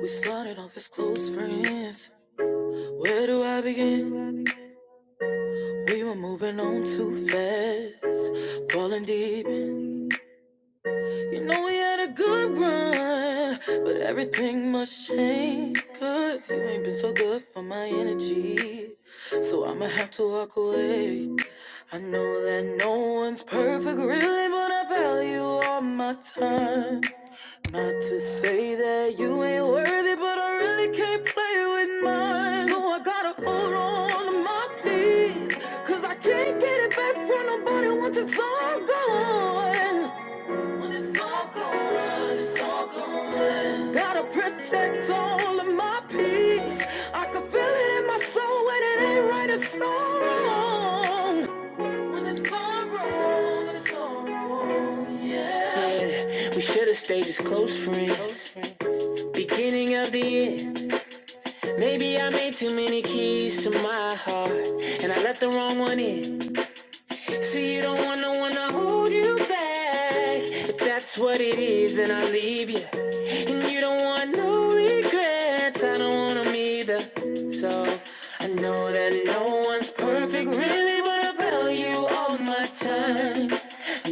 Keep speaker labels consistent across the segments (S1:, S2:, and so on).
S1: We started off as close friends. Where do I begin? We were moving on too fast, falling deep. You know we had a good run, but everything must change. Cause you ain't been so good for my energy. So I'ma have to walk away. I know that no one's perfect, really, but I value all my time. Not to say that you ain't worthy, but I really can't play with mine. So I gotta hold on to my peace. Cause I can't get it back from nobody once it's all gone. When it's all gone, it's all gone. Gotta protect all of my peace. I can feel it in my soul when it ain't right, it's so wrong yeah. We should have stayed just close friends. Beginning of the end. Maybe I made too many keys to my heart. And I let the wrong one in. See, you don't want no one to hold you back. If that's what it is, then I will leave you. And you don't want no regrets. I don't want them either. So I know that no one's perfect, really, but I value all my time.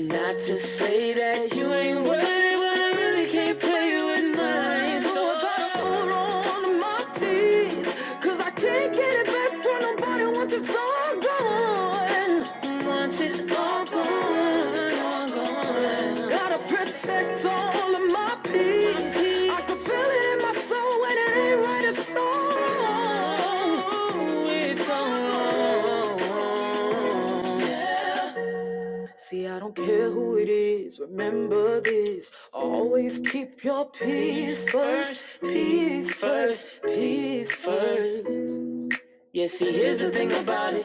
S1: Not to say that you ain't worthy, but I really can't play with mine. So I gotta hold on to my peace, cause I can't get it back from nobody once it's all gone. Once it's all gone. all gone. Gotta protect all of my peace. I can feel it in my soul when it ain't right. It's all, it's all. Yeah. See, I don't care who it is. Remember this. Always keep your peace first. Peace first. Peace first. Yeah, see, here's the thing about it.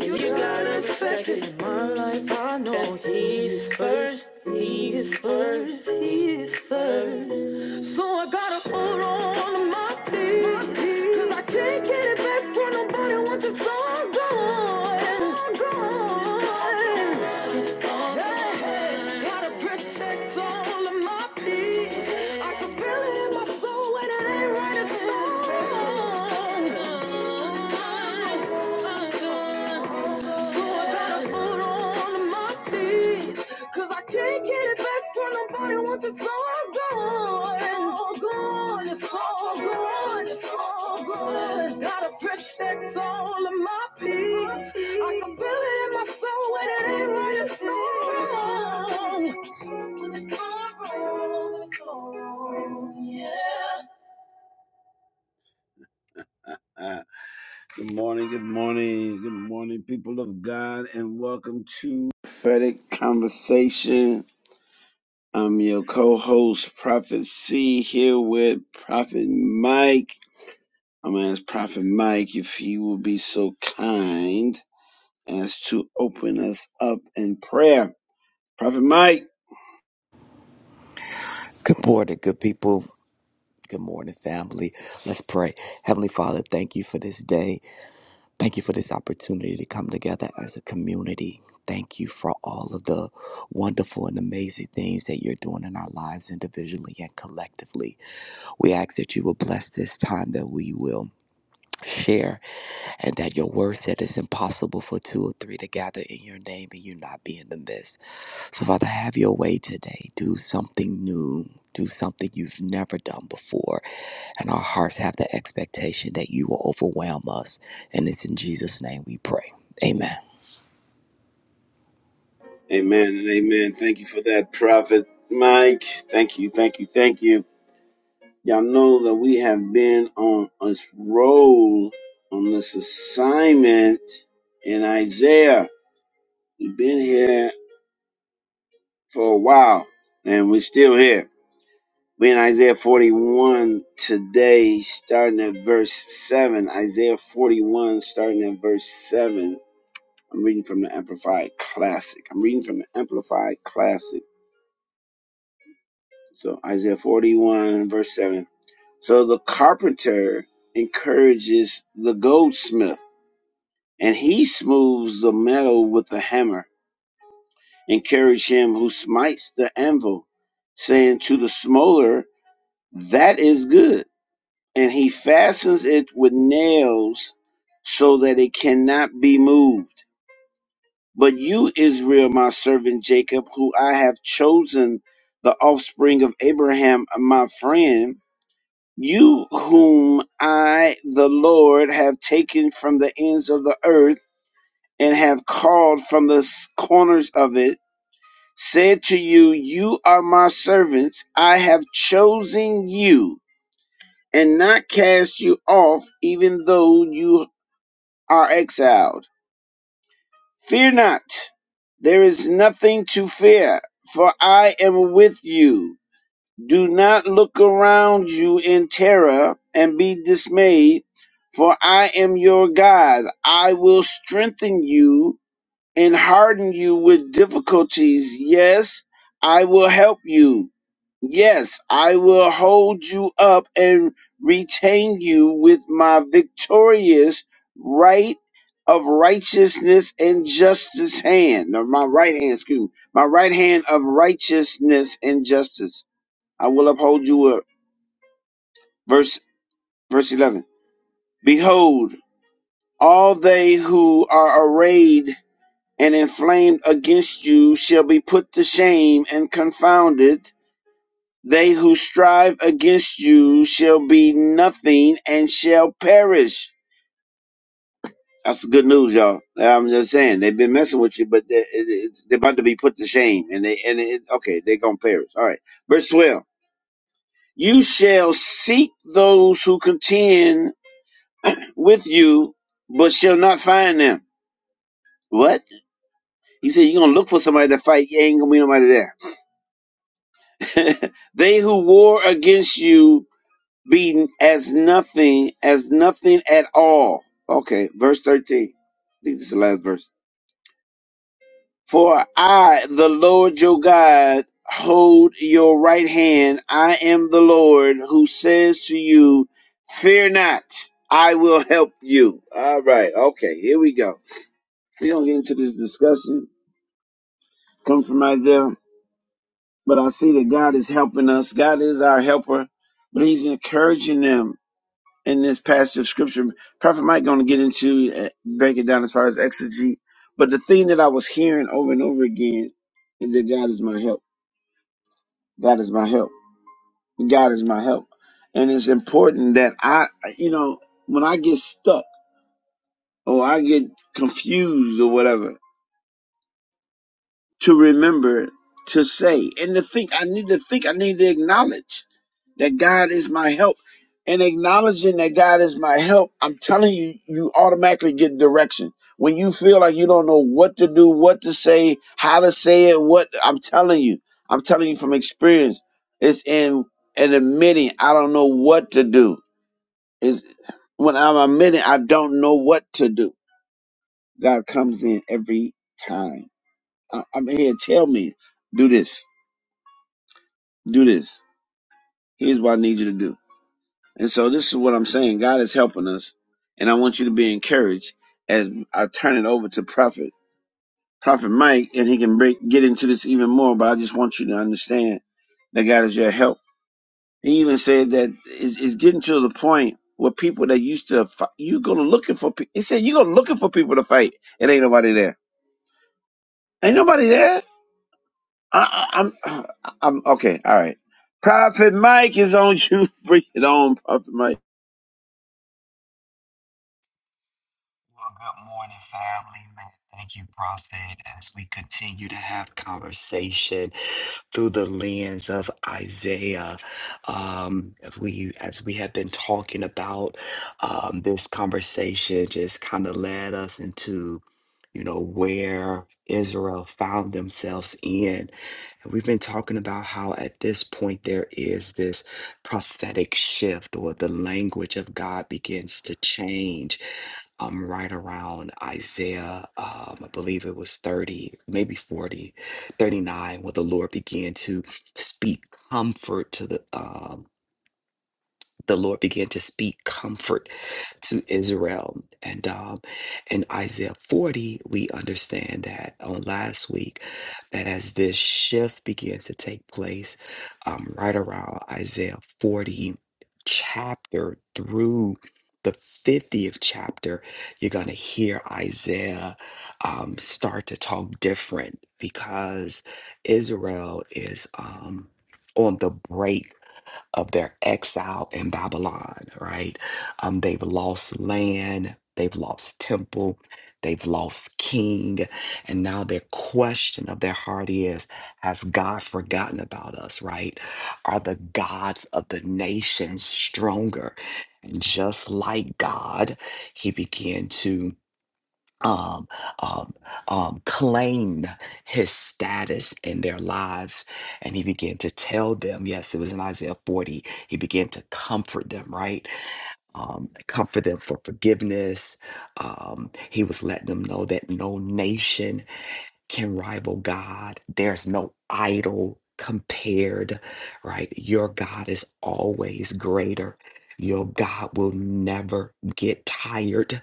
S1: You got a second in my life. I know he's first. He's first. He's first. So I gotta hold on to my peace. Cause I can't get it back from nobody once it's all gone. All gone. It's all gone. Gotta protect all of my peace right. It's So I gotta hold on my peace, 'cause I can't get it back from nobody once it's all gone. All gone, it's all gone, it's all gone. Gotta protect all of my peace. I can feel it in my soul when it ain't right. It's all wrong. Uh, good morning, good morning, good morning, people of God, and welcome to Prophetic Conversation. I'm your co-host, Prophet C, here with Prophet Mike. I'm gonna ask Prophet Mike if he will be so kind as to open us up in prayer. Prophet Mike,
S2: Good morning, good people. Good morning, family. Let's pray. Heavenly Father, thank you for this day. Thank you for this opportunity to come together as a community. Thank you for all of the wonderful and amazing things that you're doing in our lives individually and collectively. We ask that you will bless this time that we will share and that your word said it's impossible for two or three to gather in your name and you not be in the midst. So, Father, have your way today. Do something new. Do something you've never done before. And our hearts have the expectation that you will overwhelm us. And it's in Jesus' name we pray. Amen.
S1: amen and amen. Thank you for that, Prophet Mike. Thank you, thank you, thank you. Y'all know that we have been on a roll on this assignment in Isaiah. We've been here for a while and we're still here. We're in Isaiah 41 today, starting at verse 7. Isaiah 41, starting at verse 7. I'm reading from the Amplified Classic. I'm reading from the Amplified Classic. So Isaiah 41, verse 7. So the carpenter encourages the goldsmith and he smooths the metal with a hammer. and carries him who smites the anvil, saying to the smoter, That is good. And he fastens it with nails so that it cannot be moved. But you, Israel, my servant Jacob, who I have chosen, the offspring of Abraham, my friend, you whom I, the Lord, have taken from the ends of the earth and have called from the corners of it, said to you, You are my servants, I have chosen you, and not cast you off, even though you are exiled. Fear not, there is nothing to fear, for I am with you. Do not look around you in terror and be dismayed, for I am your God. I will strengthen you. and harden you with difficulties. Yes, I will help you. Yes, I will hold you up and retain you with my victorious right of righteousness and justice hand, or my right hand, excuse me, my right hand of righteousness and justice. I will uphold you up. Verse, verse 11. Behold, all they who are arrayed and inflamed against you shall be put to shame and confounded. They who strive against you shall be nothing and shall perish. That's good news, y'all. I'm just saying they've been messing with you, but they, it- it's, they're about to be put to shame, and they and it, okay, they're gonna perish. All right, verse twelve. You shall seek those who contend with you, but shall not find them. What? He said, you're gonna look for somebody to fight. You ain't gonna be nobody there. they who war against you be as nothing, as nothing at all. Okay, verse 13. I think this is the last verse. For I, the Lord your God, hold your right hand. I am the Lord who says to you, Fear not, I will help you. All right, okay, here we go. We're going to get into this discussion. Come from Isaiah. But I see that God is helping us. God is our helper. But he's encouraging them in this passage of scripture. Prophet Mike going to get into uh, break it down as far as exegete. But the thing that I was hearing over and over again is that God is my help. God is my help. God is my help. And it's important that I, you know, when I get stuck or I get confused or whatever, to remember to say and to think. I need to think. I need to acknowledge that God is my help. And acknowledging that God is my help, I'm telling you, you automatically get direction. When you feel like you don't know what to do, what to say, how to say it, what I'm telling you, I'm telling you from experience, it's in and admitting I don't know what to do. Is when I'm admitting I don't know what to do. God comes in every time. I, I'm here. Tell me, do this, do this. Here's what I need you to do. And so this is what I'm saying. God is helping us, and I want you to be encouraged as I turn it over to Prophet Prophet Mike, and he can break get into this even more. But I just want you to understand that God is your help. He even said that it's, it's getting to the point where people that used to fight, you go looking for. pe- He said you go looking for people to fight. It ain't nobody there. Ain't nobody there. I, I- I'm, I'm okay. All right. Prophet Mike is on you. Bring it on, Prophet Mike.
S2: Well, good morning, family, man. Thank you, Prophet, as we continue to have conversation through the lens of Isaiah. Um, if we, as we have been talking about um, this conversation, just kind of led us into, you know, where Israel found themselves in. And we've been talking about how at this point there is this prophetic shift, or the language of God begins to change um, right around Isaiah, um, I believe it was 30, maybe forty, thirty-nine, 39, where the Lord began to speak comfort to the uh, the Lord began to speak comfort to Israel. And um, in Isaiah 40, we understand that on last week, that as this shift begins to take place, um, right around Isaiah 40 chapter through the 50th chapter, you're going to hear Isaiah um, start to talk different because Israel is um, on the break of their exile in Babylon, right? Um, they've lost land, they've lost temple, they've lost king, and now their question of their heart is Has God forgotten about us, right? Are the gods of the nations stronger? And just like God, he began to um, um, um, claimed his status in their lives. And he began to tell them, yes, it was in Isaiah 40, he began to comfort them, right? Um, comfort them for forgiveness. Um, he was letting them know that no nation can rival God, there's no idol compared, right? Your God is always greater. Your God will never get tired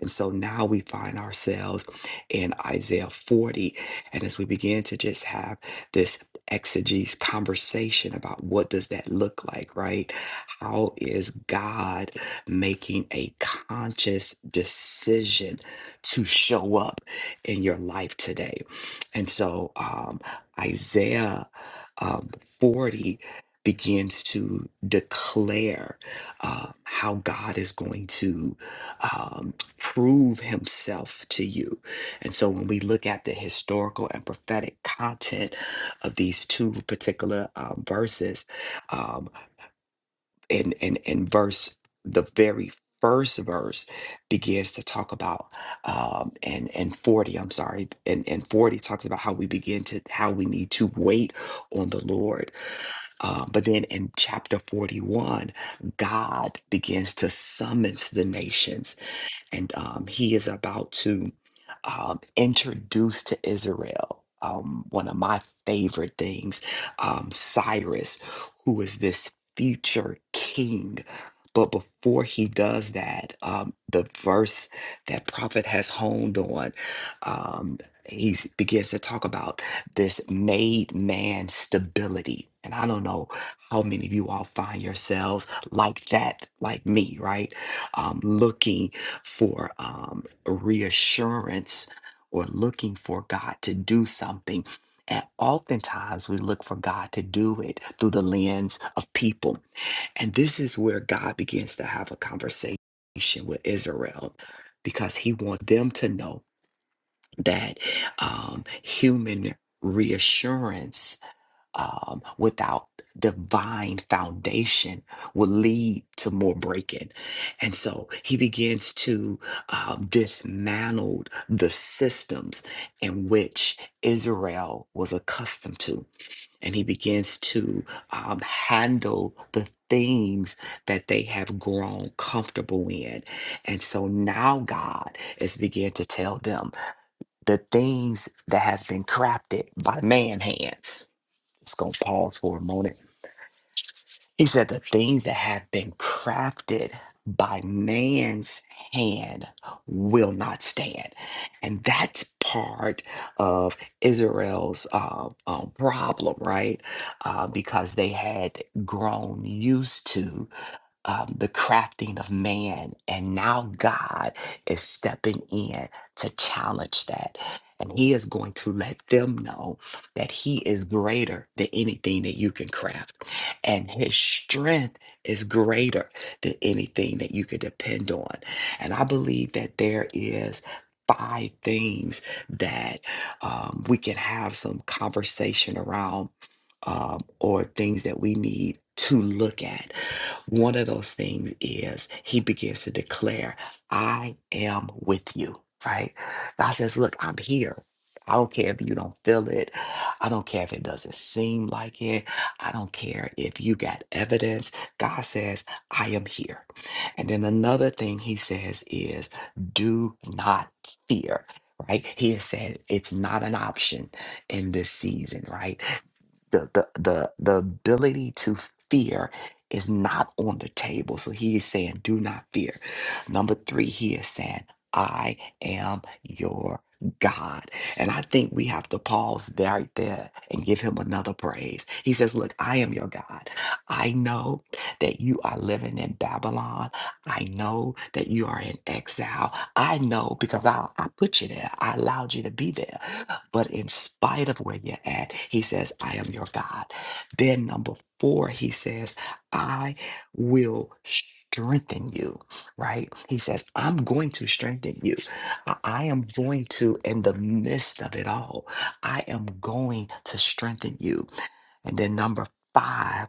S2: and so now we find ourselves in Isaiah 40. And as we begin to just have this exegesis conversation about what does that look like, right? How is God making a conscious decision to show up in your life today? And so um, Isaiah um, 40 begins to declare uh, how God is going to. um, prove himself to you. And so when we look at the historical and prophetic content of these two particular um, verses, um, in, in, in verse, the very first verse begins to talk about um and and 40 i'm sorry and and 40 talks about how we begin to how we need to wait on the lord uh, but then in chapter 41 god begins to summons the nations and um, he is about to um, introduce to Israel um, one of my favorite things, um, Cyrus, who is this future king. But before he does that, um, the verse that prophet has honed on, um, he begins to talk about this made man stability. And I don't know how many of you all find yourselves like that, like me, right? Um, looking for um, reassurance or looking for God to do something. And oftentimes we look for God to do it through the lens of people. And this is where God begins to have a conversation with Israel because he wants them to know that um, human reassurance um, without divine foundation will lead to more breaking. And so he begins to um, dismantle the systems in which Israel was accustomed to. And he begins to um, handle the things that they have grown comfortable in. And so now God is beginning to tell them the things that has been crafted by man hands just gonna pause for a moment. He said the things that have been crafted by man's hand will not stand. And that's part of Israel's uh, um, problem, right? Uh, because they had grown used to um, the crafting of man. And now God is stepping in to challenge that. And he is going to let them know that he is greater than anything that you can craft. And his strength is greater than anything that you could depend on. And I believe that there is five things that um, we can have some conversation around um, or things that we need to look at one of those things is he begins to declare, I am with you, right? God says, Look, I'm here. I don't care if you don't feel it. I don't care if it doesn't seem like it. I don't care if you got evidence. God says, I am here. And then another thing he says is, do not fear, right? He has said it's not an option in this season, right? the the the the ability to fear is not on the table. So he is saying, do not fear. Number three, he is saying, I am your God. And I think we have to pause there, right there and give him another praise. He says, Look, I am your God. I know that you are living in Babylon. I know that you are in exile. I know because I, I put you there. I allowed you to be there. But in spite of where you're at, he says, I am your God. Then, number four, he says, I will strengthen you, right? He says, I'm going to strengthen you. I I am going to, in the midst of it all, I am going to strengthen you. And then number five,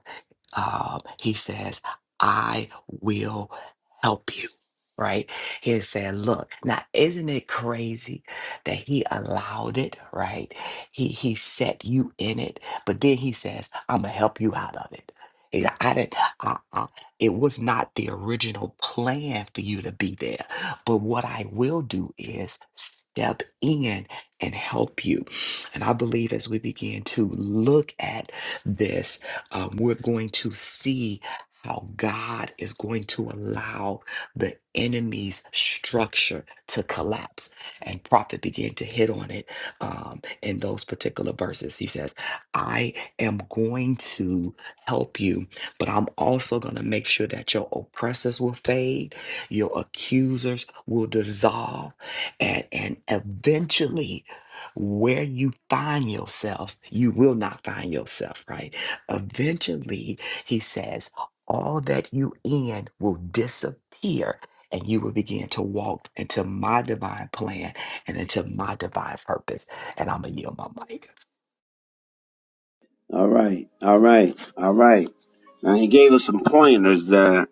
S2: um, he says, I will help you. Right? He was saying, look, now isn't it crazy that he allowed it, right? He he set you in it, but then he says, I'm gonna help you out of it. He's like, I didn't uh, uh, it was not the original plan for you to be there. But what I will do is step in and help you. And I believe as we begin to look at this, um, we're going to see how God is going to allow the enemy's structure to collapse. And Prophet began to hit on it um, in those particular verses. He says, I am going to help you, but I'm also going to make sure that your oppressors will fade, your accusers will dissolve, and, and eventually where you find yourself, you will not find yourself, right? Eventually, he says, all that you in will disappear and you will begin to walk into my divine plan and into my divine purpose. And I'm going to yield my mic.
S1: All right. All right. All right. Now he gave us some pointers there.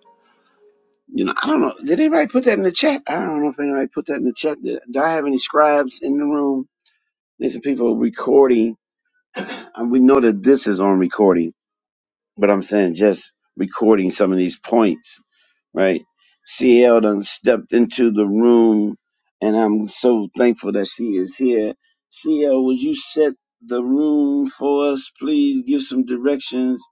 S1: You know, I don't know. Did anybody put that in the chat? I don't know if anybody put that in the chat. Do do I have any scribes in the room? There's some people recording. And we know that this is on recording, but I'm saying just recording some of these points right? CL done stepped into the room, and I'm so thankful that she is here. CL, would you set the room for us? Please give some directions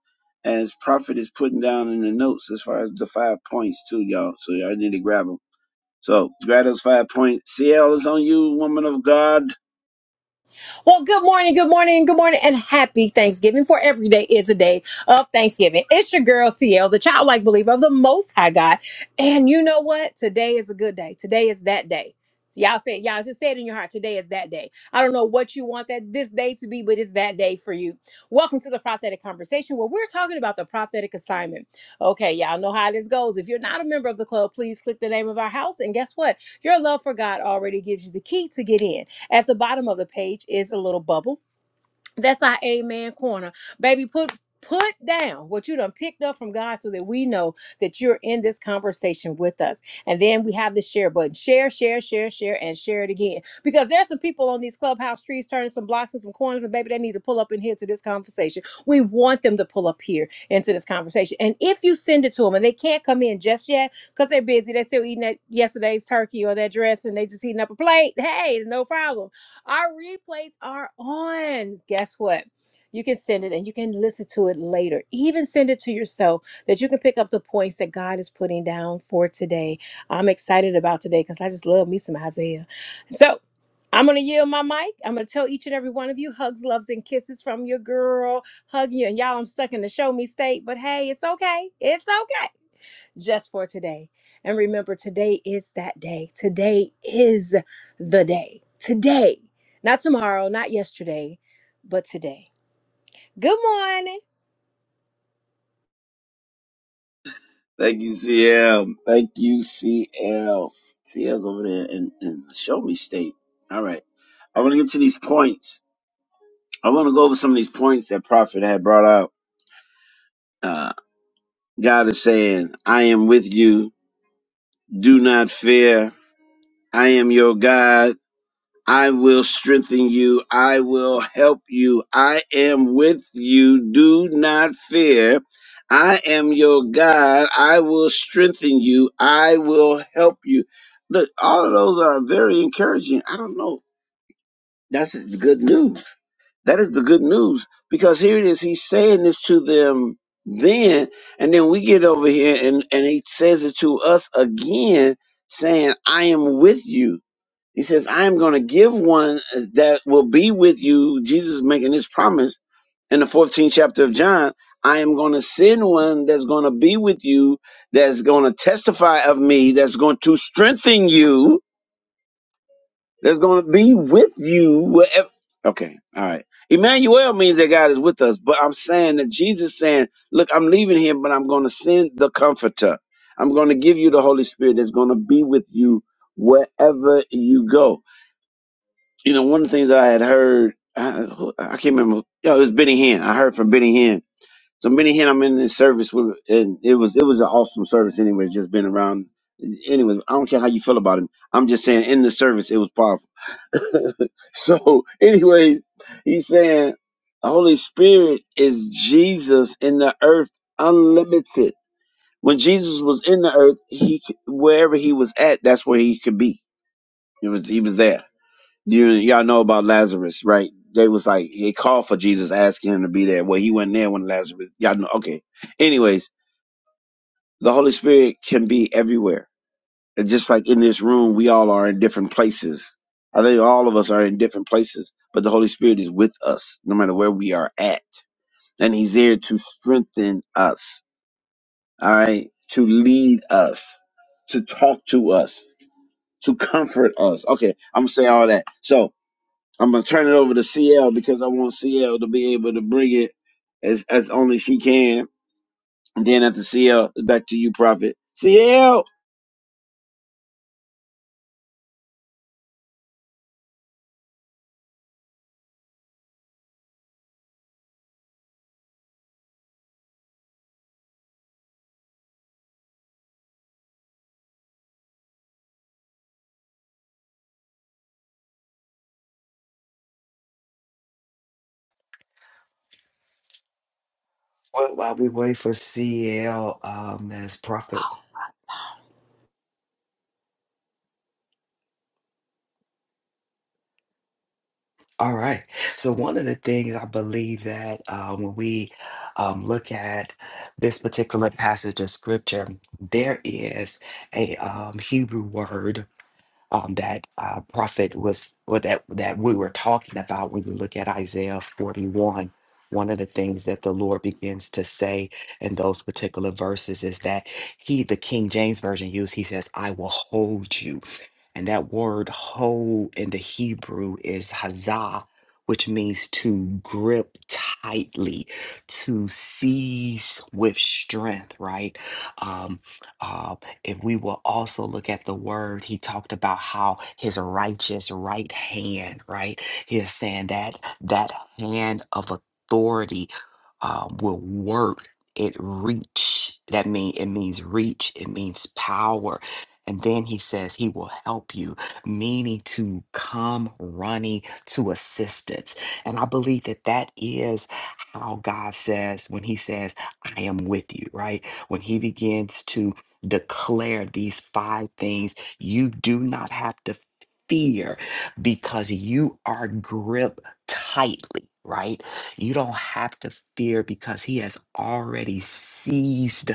S1: as Prophet is putting down in the notes as far as the five points, too, y'all. So y'all need to grab them. So grab those five points. CL is on you, woman of God.
S3: Well, good morning, good morning, good morning, and happy Thanksgiving. For every day is a day of Thanksgiving. It's your girl CL, the childlike believer of the Most High God. And you know what? Today is a good day. Today is that day. So y'all say, y'all just say it in your heart. Today is that day. I don't know what you want that this day to be, but it's that day for you. Welcome to the prophetic conversation where we're talking about the prophetic assignment. Okay, y'all know how this goes. If you're not a member of the club, please click the name of our house. And guess what? Your love for God already gives you the key to get in. At the bottom of the page is a little bubble. That's our amen corner. Baby, put put down what you done picked up from God so that we know that you're in this conversation with us. And then we have the share button. Share, share, share, share, and share it again. Because there's some people on these clubhouse streets turning some blocks and some corners, and baby, they need to pull up in here to this conversation. We want them to pull up here into this conversation. And if you send it to them and they can't come in just yet because they're busy, they're still eating that yesterday's turkey or that dress and they just eating up a plate. Hey, no problem our replays are on. Guess what? You can send it and you can listen to it later. Even send it to yourself that you can pick up the points that God is putting down for today. I'm excited about today because I just love me some Isaiah. So I'm going to yield my mic. I'm going to tell each and every one of you hugs, loves, and kisses from your girl. Hug you. And y'all, I'm stuck in the show me state, but hey, it's okay. It's okay just for today. And remember, today is that day. Today is the day. Today, not tomorrow, not yesterday, but today. Good morning.
S1: Thank you, CL. Thank you, CL. CL's over there in, in show me state. All right. I want to get to these points. I want to go over some of these points that Prophet had brought out. Uh, God is saying, I am with you. Do not fear. I am your God. I will strengthen you. I will help you. I am with you. Do not fear. I am your God. I will strengthen you. I will help you. Look, all of those are very encouraging. I don't know That's it's good news. That is the good news because here it is. He's saying this to them then, and then we get over here and, and he says it to us again, saying, I am with you. He says, I am going to give one that will be with you. Jesus is making this promise in the 14th chapter of John. I am going to send one that's going to be with you, that's going to testify of me, that's going to strengthen you that's going to be with you. Wherever. Okay, all right. Emmanuel means that God is with us, but I'm saying that Jesus saying, "Look, I'm leaving here, but I'm going to send the Comforter. I'm going to give you the Holy Spirit that's going to be with you wherever you go." You know, one of the things I had heard, I, who- I can't remember. You know, it was Benny Hinn. I heard from Benny Hinn so Benny Hinn, I'm in this service with, and it was it was an awesome service. Anyways, just been around. Anyways, I don't care how you feel about him. I'm just saying, in the service, it was powerful. so, anyways, he's saying the Holy Spirit is Jesus in the earth, unlimited. When Jesus was in the earth, he c- wherever he was at, that's where he could be. It was he was there. You y'all know about Lazarus, right? They was like they called for Jesus, asking him to be there. Well, he wasn't there when Lazarus. Y'all know. Okay. Anyways, the Holy Spirit can be everywhere. And just like in this room, we all are in different places. I think all of us are in different places, but the Holy Spirit is with us no matter where we are at, and He's there to strengthen us. All right, to lead us, to talk to us, to comfort us. Okay, I'm gonna say all that. So I'm gonna turn it over to CL because I want CL to be able to bring it as as only she can. And then after CL, back to you, Prophet. CL.
S2: Well, while we wait for CL, um, as prophet All right. So one of the things I believe that uh, when we um, look at this particular passage of scripture, there is a um, Hebrew word um, that uh, prophet was, or that that we were talking about when we look at Isaiah forty-one. One of the things that the Lord begins to say in those particular verses is that He, the King James version used, He says, "I will hold you." And that word hold in the Hebrew is hazah, which means to grip tightly, to seize with strength, right? Um, uh, if we will also look at the word, he talked about how his righteous right hand, right? He is saying that that hand of authority uh, will work. It reach. That mean it means reach. It means power and then he says he will help you, meaning to come running to assistance. And I believe that that is how God says when he says, I am with you, right? When he begins to declare these five things, you do not have to fear because you are gripped tightly, right? You don't have to fear because he has already seized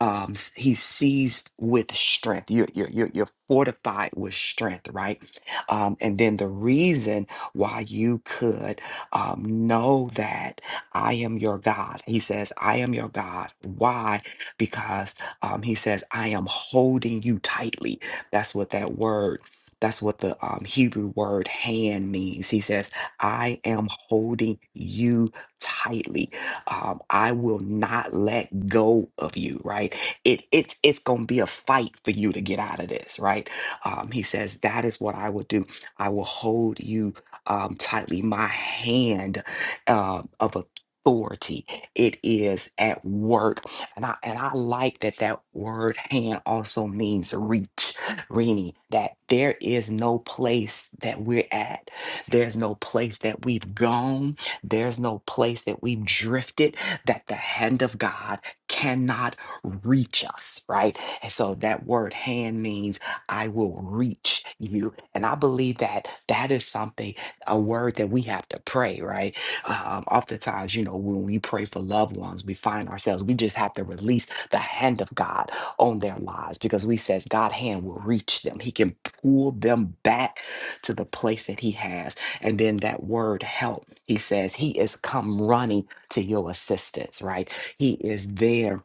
S2: um s- he's seized with strength you're, you're you're you're fortified with strength right um and then the reason why you could um know that i am your god he says i am your god why because um he says i am holding you tightly that's what that word that's what the um, Hebrew word hand means. He says, I am holding you tightly um, I will not let go of you, right? It it's it's gonna be a fight for you to get out of this, right? Um, he says, That is what I will do. I will hold you um tightly, my hand um of authority. It is at work. And I and I like that that word hand also means reach, Rini, that there is no place that we're at. There's no place that we've gone there's no place that we've drifted that the hand of God cannot reach us, right? And so that word hand means I will reach you. And I believe that that is something, a word that we have to pray, right? Um, oftentimes, you know, when we pray for loved ones, we find ourselves, we just have to release the hand of God on their lives because we says God hand will reach them. He can pull them back to the place that he has and then that word help, he says, he is come running to your assistance, right? He is there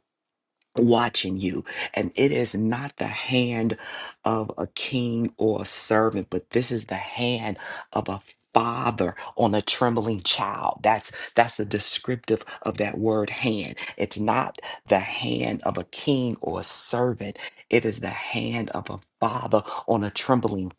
S2: watching you. And it is not the hand of a king or a servant, but this is the hand of a father on a trembling child that's that's a descriptive of that word hand it's not the hand of a king or a servant it is the hand of a father on a trembling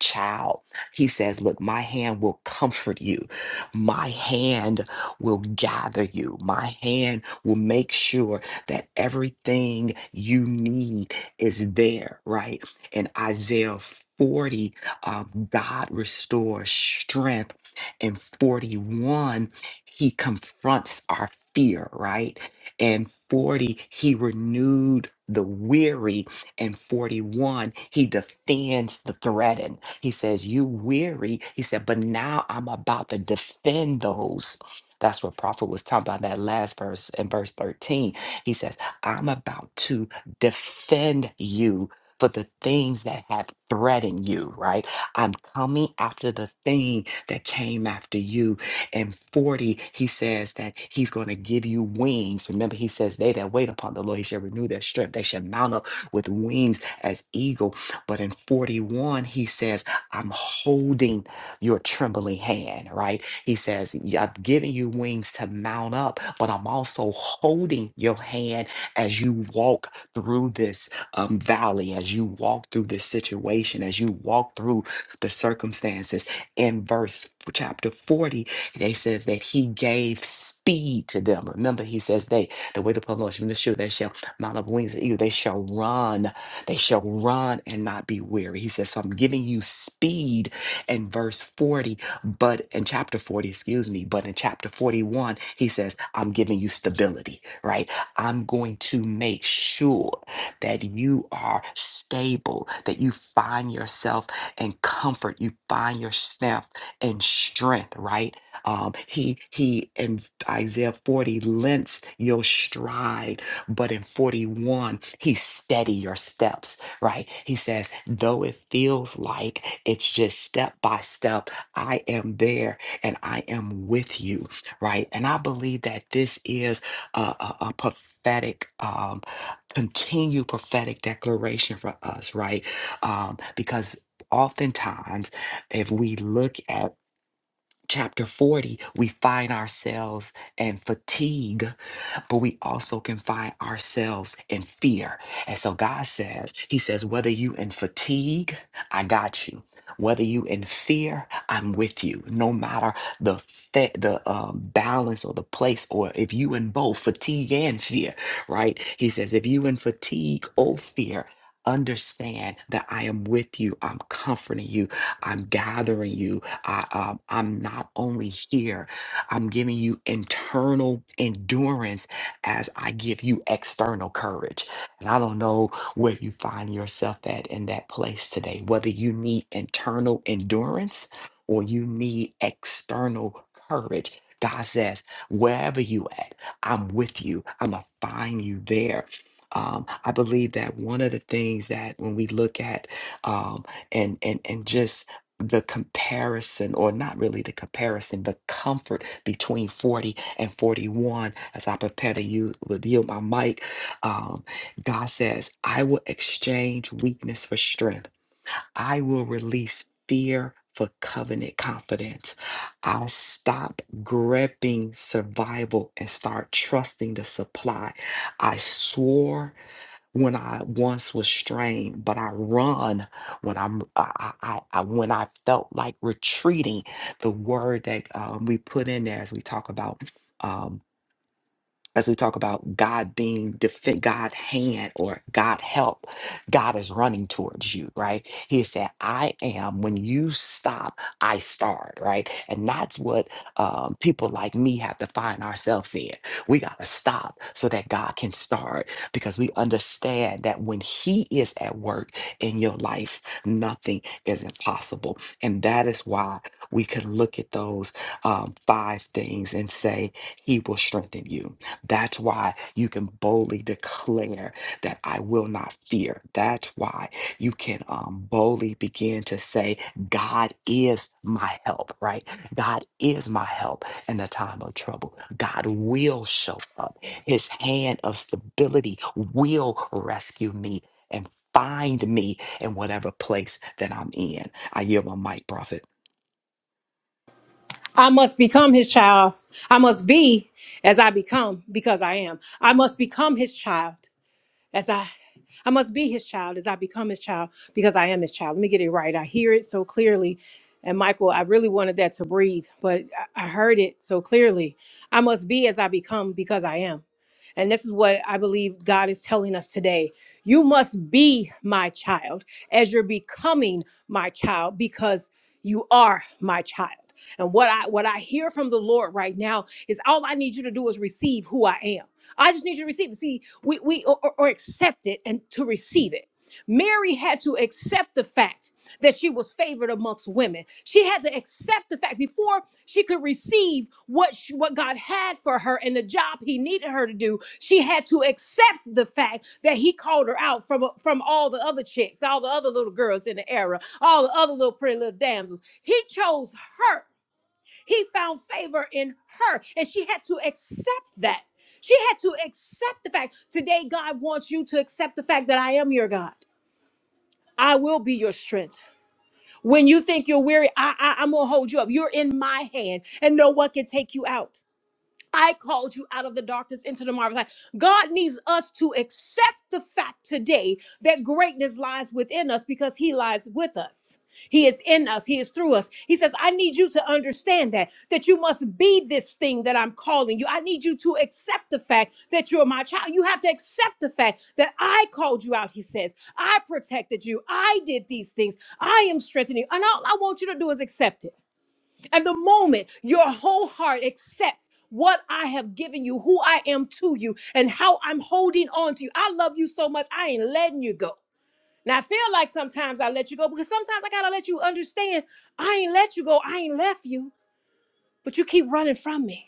S2: child he says look my hand will comfort you my hand will gather you my hand will make sure that everything you need is there, right? In Isaiah 40, um, God restores strength. In 41, he confronts our fear, right? And 40, he renewed the weary. And 41, he defends the threatened. He says, You weary. He said, But now I'm about to defend those. That's what Prophet was talking about in that last verse in verse 13 he says, I'm about to defend you for the things that have threatened you, right? I'm coming after the thing that came after you. And 40, he says that he's going to give you wings. Remember, he says, They that wait upon the Lord, he shall renew their strength. They shall mount up with wings as eagle. But in 41, he says, I'm holding your trembling hand, right? He says, "Yeah, I've given you wings to mount up, but I'm also holding your hand as you walk through this um, valley, as you walk through this situation, as you walk through the circumstances. In verse chapter 40, they says that he gave speed to them. Remember, he says they the way the Lord shall shoot, they shall mount up wings of eagle, they shall run, they shall run and not be weary. He says, So I'm giving you speed in verse 40, but in chapter 40, excuse me, but in chapter 41, he says, I'm giving you stability, right? I'm going to make sure that you are stable, that you find yourself in comfort, you find yourself in strength, right? Um, he he in Isaiah 40 lengths your stride, but in 41, he steady your steps right? He says, though it feels like it's just step by step, I am there and I am with you, right? And I believe that this is a, a, a prophetic, um, continued prophetic declaration for us, right? Um, because oftentimes, if we look at chapter 40, we find ourselves in fatigue but we also can find ourselves in fear. And so God says, He says, whether you in fatigue, I got you. Whether you in fear, I'm with you. No matter the fa- the um, balance or the place, or if you in both fatigue and fear, right? He says, if you in fatigue or fear, understand that I am with you. I'm comforting you. I'm gathering you. I, um, I'm not only here. I'm giving you internal endurance as I give you external courage. And I don't know where you find yourself at in that place today, whether you need internal endurance or you need external courage. God says, wherever you at, I'm with you. I'm gonna find you there. Um, I believe that one of the things that when we look at um, and and and just the comparison, or not really the comparison, the comfort between 40 and 41. As I prepare to you, yield my mic, um, God says, I will exchange weakness for strength. I will release fear for covenant confidence. I'll stop gripping survival and start trusting the supply. I swore when I once was strained, but I run when I'm I, I, I I- when I felt like retreating. The word that um, we put in there as we talk about. Um, as we talk about God being defend God hand or God help, God is running towards you, right? He said, I am when you stop, I start, right? And that's what um, people like me have to find ourselves in. We gotta stop so that God can start because we understand that when He is at work in your life, nothing is impossible. And that is why we can look at those um, five things and say, He will strengthen you. That's why you can boldly declare that I will not fear. That's why you can um, boldly begin to say, God is my help, right? God is my help in the time of trouble. God will show up. His hand of stability will rescue me and find me in whatever place that I'm in. I yield my mic, prophet.
S3: I must become his child. I must be as I become because I am. I must become his child. as I I must be his child as I become his child because I am his child. Let me get it right. I hear it so clearly. And Michael, I really wanted that to breathe, but I I heard it so clearly. I must be as I become because I am. And this is what I believe God is telling us today. You must be my child as you're becoming my child because you are my child. And what I what I hear from the Lord right now is all I need you to do is receive who I am. I just need you to receive it. See, we, we or, or accept it and to receive it. Mary had to accept the fact that she was favored amongst women. She had to accept the fact before she could receive what she, what God had for her and the job He needed her to do. She had to accept the fact that He called her out from from all the other chicks, all the other little girls in the era, all the other little pretty little damsels. He chose her he found favor in her, and she had to accept that. She had to accept the fact. Today, God wants you to accept the fact that I am your God. I will be your strength. When you think you're weary, I, I, I'm going to hold you up. You're in my hand, and no one can take you out. I called you out of the darkness into the marvelous light. God needs us to accept the fact today that greatness lies within us because He lies with us. He is in us. He is through us. He says, I need you to understand that, that you must be this thing that I'm calling you. I need you to accept the fact that you're my child. You have to accept the fact that I called you out, he says. I protected you. I did these things. I am strengthening you. And all I want you to do is accept it. And the moment your whole heart accepts what I have given you, who I am to you, and how I'm holding on to you, I love you so much, I ain't letting you go. Now, I feel like sometimes I let you go because sometimes I got to let you understand I ain't let you go, I ain't left you, but you keep running from me.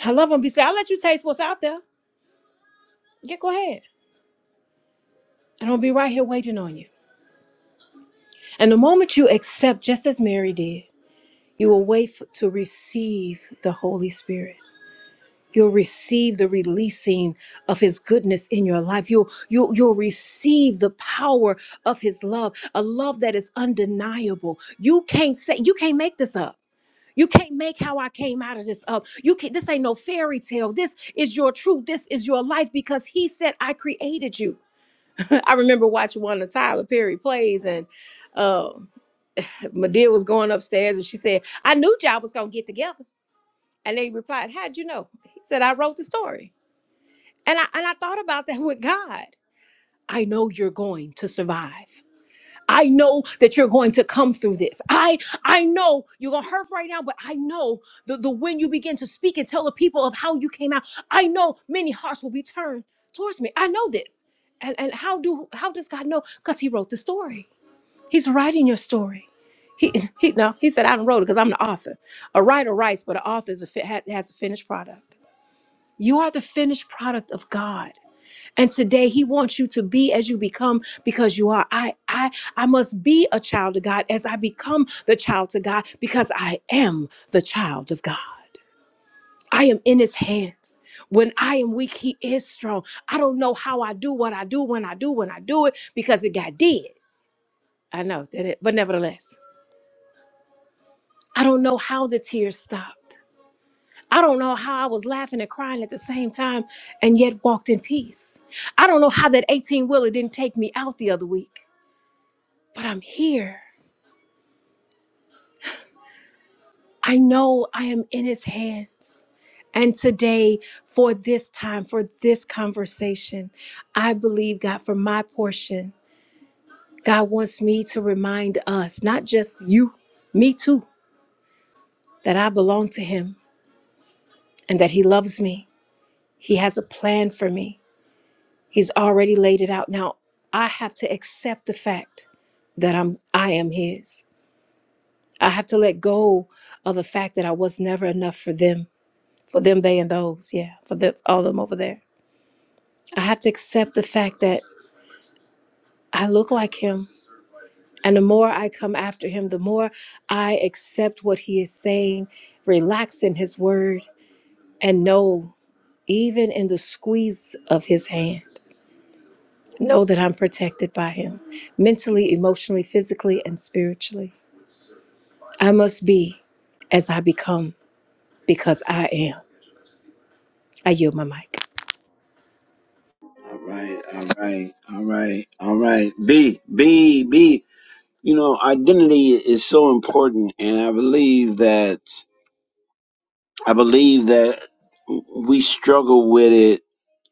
S3: And I love him. He said, I'll let you taste what's out there. Yeah, go ahead. And I'll be right here waiting on you. And the moment you accept, just as Mary did, you will wait for, to receive the Holy Spirit. You'll receive the releasing of his goodness in your life. You'll, you'll, you'll receive the power of his love, a love that is undeniable. You can't say, you can't make this up. You can't make how I came out of this up. You can't, this ain't no fairy tale. This is your truth. This is your life because he said, I created you. I remember watching one of Tyler Perry plays and uh, Medea was going upstairs and she said, I knew y'all was going to get together. And they replied, How'd you know? He said, I wrote the story. And I and I thought about that with God. I know you're going to survive. I know that you're going to come through this. I I know you're gonna hurt right now, but I know the, the when you begin to speak and tell the people of how you came out, I know many hearts will be turned towards me. I know this. And and how do how does God know? Because he wrote the story. He's writing your story. He, he no, he said I don't wrote it because I'm the author. A writer writes, but an author is a, fi- ha- has a finished product. You are the finished product of God. And today he wants you to be as you become because you are. I I I must be a child of God as I become the child of God because I am the child of God. I am in his hands. When I am weak, he is strong. I don't know how I do what I do when I do when I do it because it got did. I know that it, but nevertheless, I don't know how the tears stopped. I don't know how I was laughing and crying at the same time and yet walked in peace. I don't know how that 18 wheeler didn't take me out the other week. but I'm here. I know I am in his hands. And today, for this time, for this conversation, I believe, God, for my portion, God wants me to remind us, not just you, me too, that I belong to him and that he loves me. He has a plan for me. He's already laid it out. Now, I have to accept the fact that I'm I am his. I have to let go of the fact that I was never enough for them. for them, they, and those. Yeah, for the, all of them over there. I have to accept the fact that I look like him. And the more I come after him, the more I accept what he is saying, relax in his word, and know, even in the squeeze of his hand, know that I'm protected by him mentally, emotionally, physically, and spiritually. I must be as I become because I am. I yield my mic.
S1: All right, all right, all right, all right. B, B, B. You know, identity is so important, and I believe that I believe that we struggle with it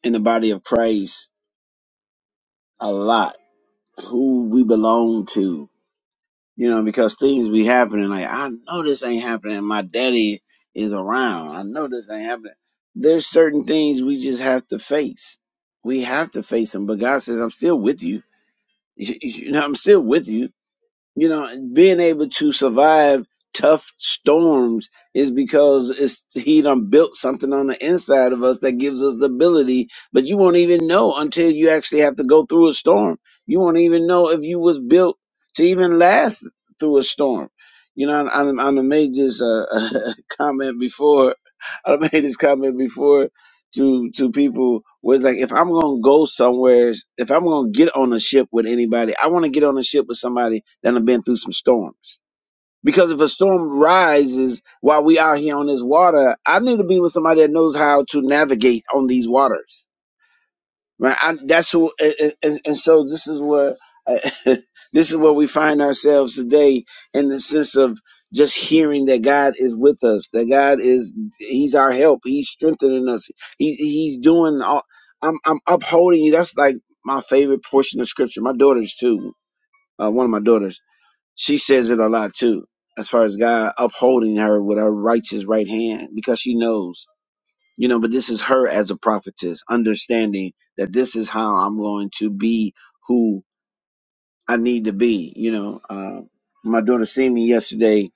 S1: in the body of Christ a lot. Who we belong to, you know, because things be happening. Like, I know this ain't happening. My daddy is around. I know this ain't happening. There's certain things we just have to face. We have to face them. But God says, I'm still with you. You know, I'm still with you you know, and being able to survive tough storms is because it's he done built something on the inside of us that gives us the ability, but you won't even know until you actually have to go through a storm. You won't even know if you was built to even last through a storm. You know, I, I, I done made this uh, comment before. I done made this comment before to to people was like if I'm gonna go somewhere, if I'm gonna get on a ship with anybody, I want to get on a ship with somebody that have been through some storms. Because if a storm rises while we out here on this water, I need to be with somebody that knows how to navigate on these waters right? I, that's who, and, and, and so this is where uh, this is where we find ourselves today in the sense of just hearing that God is with us, that God is He's our help, He's strengthening us, He's He's doing all. I'm I'm upholding you. That's like my favorite portion of Scripture. My daughters too. Uh, one of my daughters, she says it a lot too. As far as God upholding her with her righteous right hand, because she knows you know but this is her as a prophetess understanding that this is how i'm going to be who i need to be you know uh, my daughter seen me yesterday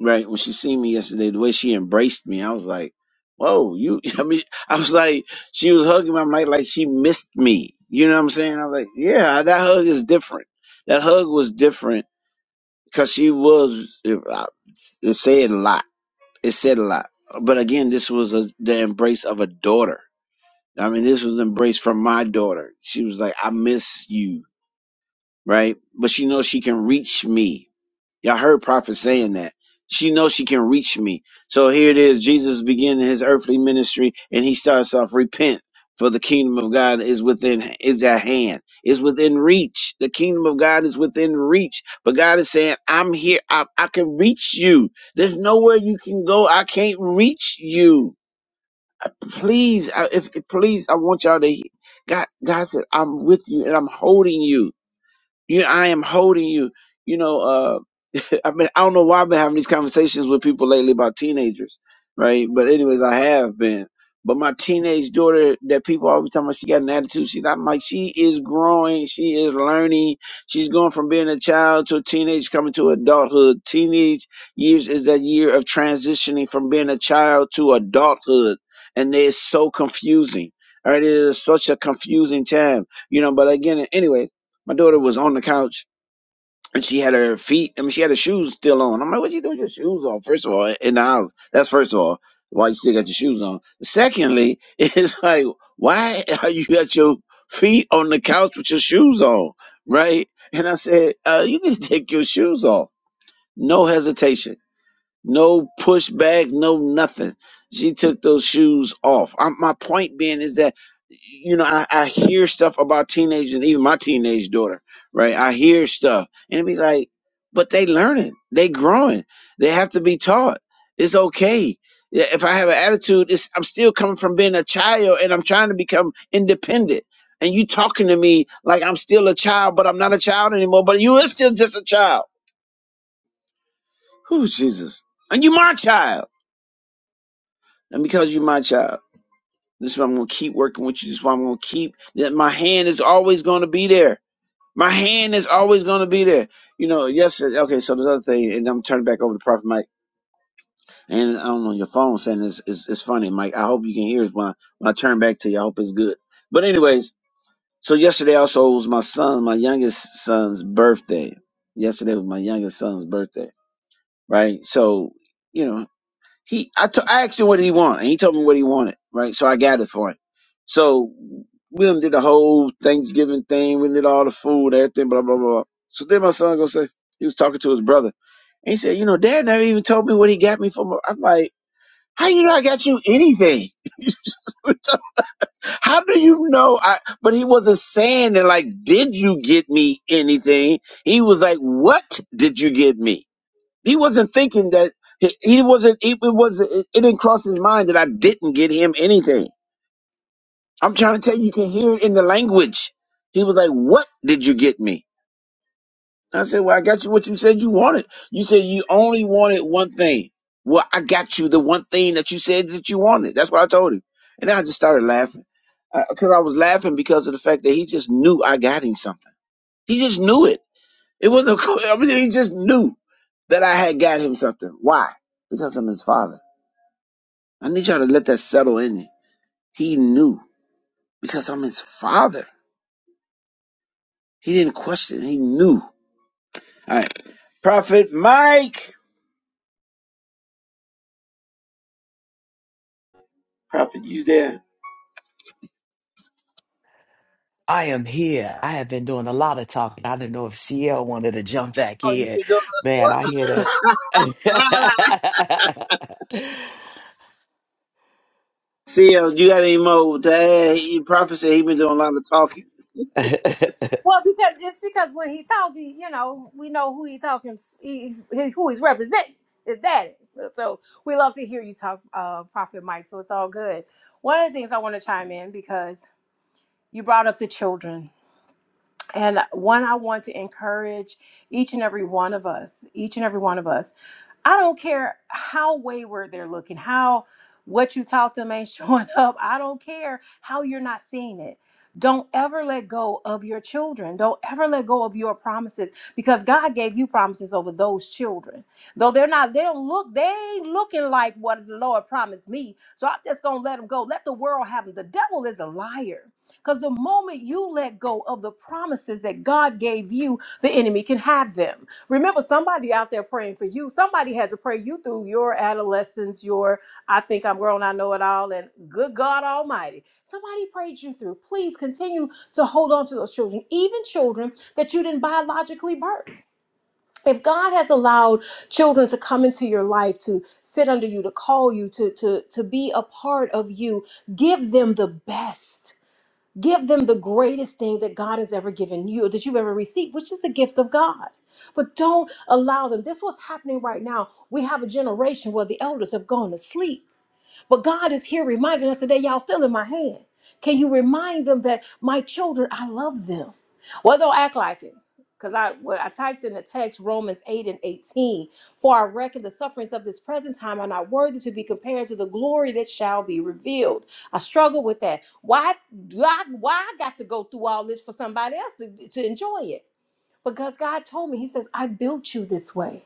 S1: right when she seen me yesterday the way she embraced me i was like whoa you i mean i was like she was hugging my mic like she missed me you know what i'm saying i was like yeah that hug is different that hug was different because she was it, I- it said a lot it said a lot but again this was a, the embrace of a daughter I mean, this was an embrace from my daughter. She was like, I miss you, right? But she knows she can reach me. Y'all heard Prophet saying that. She knows she can reach me. So here it is. Jesus beginning his earthly ministry and he starts off, repent for the kingdom of God is within, is at hand, is within reach. The kingdom of God is within reach. But God is saying, I'm here. I, I can reach you. There's nowhere you can go. I can't reach you. Please, I- if please, I want y'all to. he- God, God said, "I'm with you and I'm holding you." You, I am holding you. You know, uh, I've been, I don't know why I've been having these conversations with people lately about teenagers, right? But anyways, I have been. But my teenage daughter, that people always tell me she got an attitude. She's I'm like, she is growing. She is learning. She's going from being a child to a teenage, coming to adulthood. Teenage years is that year of transitioning from being a child to adulthood. And it's so confusing. All right. It is such a confusing time, you know, but again, anyway. My daughter was on the couch and she had her feet, I mean, she had her shoes still on. I'm like, what you doing with your shoes on? First of all, in the house. That's first of all, why you still got your shoes on. Secondly, it's like, why are you got your feet on the couch with your shoes on? Right? And I said, uh, you need to take your shoes off. No hesitation no pushback, no nothing. She took those shoes off. I, my point being is that, you know, I, I hear stuff about teenagers and even my teenage daughter, right? I hear stuff and it be like, but they learning, they growing, they have to be taught. It's okay. Yeah, If I have an attitude, it's, I'm still coming from being a child and I'm trying to become independent. And you talking to me like I'm still a child, but I'm not a child anymore, but you are still just a child. Who Jesus. And you my child. And because you're my child, this is why I'm going to keep working with you. This is why I'm going to keep that my hand is always going to be there. My hand is always going to be there. You know, yes. Okay, so this other thing, and I'm turning back over to Prophet Mike. And I'm on your phone saying it's, it's, it's funny, Mike. I hope you can hear it when I, when I turn back to you. I hope it's good. But, anyways, so yesterday also was my son, my youngest son's birthday. Yesterday was my youngest son's birthday, right? So, you know. He, I t- I asked him what he wanted, and he told me what he wanted, right? So I gathered for him. So we done did the whole Thanksgiving thing. We did all the food, everything, blah blah blah. So then my son gonna say he was talking to his brother, and he said, "You know, Dad never even told me what he got me for." My-. I'm like, "How you know I got you anything? How do you know?" I but he wasn't saying that like, "Did you get me anything?" He was like, "What did you get me?" He wasn't thinking that he, he wasn't. It, it wasn't. It, it didn't cross his mind that I didn't get him anything. I'm trying to tell you, you can hear it in the language. He was like, "What did you get me?" I said, "Well, I got you what you said you wanted. You said you only wanted one thing. Well, I got you the one thing that you said that you wanted. That's what I told him." And I just started laughing because I was laughing because of the fact that he just knew I got him something. He just knew it. It wasn't. A, I mean, he just knew that I had got him something. Why? Because I'm his father. I need y'all to let that settle in. you. He knew because I'm his father. He didn't question. He knew. All right, Prophet Mike. Prophet, you there?
S2: I am here. I have been doing a lot of talking. I didn't know if CL wanted to jump back
S1: Oh, you
S2: in.
S1: been doing
S2: Man, I
S1: what?
S2: hear that.
S1: CL, you got any more to add? He, Prophet said he been doing a lot of talking.
S3: Well, because it's because when he talking, you know, we know who he talking. He's he, who he's representing. His daddy. So we love to hear you talk, uh, Prophet Mike. So it's all good. One of the things I want to chime in because you brought up the children, and one, I want to encourage each and every one of us, each and every one of us. I don't care how wayward they're looking, how what you taught them ain't showing up. I don't care how you're not seeing it. Don't ever let go of your children. Don't ever let go of your promises because God gave you promises over those children. Though they're not, they don't look, they ain't looking like what the Lord promised me. So I'm just going to let them go. Let the world have them. The devil is a liar. Because the moment you let go of the promises that God gave you, the enemy can have them. Remember, somebody out there praying for you. Somebody had to pray you through your adolescence, your I think I'm grown, I know it all, and good God Almighty. Somebody prayed you through. Please continue to hold on to those children, even children that you didn't biologically birth. If God has allowed children to come into your life, to sit under you, to call you, to, to, to be a part of you, give them the best Give them the greatest thing that God has ever given you, that you've ever received, which is the gift of God. But don't allow them. This is what's happening right now. We have a generation where the elders have gone to sleep. But God is here reminding us today, y'all still in my hand. Can you remind them that my children, I love them? Well, they'll act like it. Because I when I typed in the text Romans 8 and 18, for I reckon the sufferings of this present time are not worthy to be compared to the glory that shall be revealed. I struggle with that. Why why, why I got to go through all this for somebody else to, to enjoy it? Because God told me, He says, I built you this way.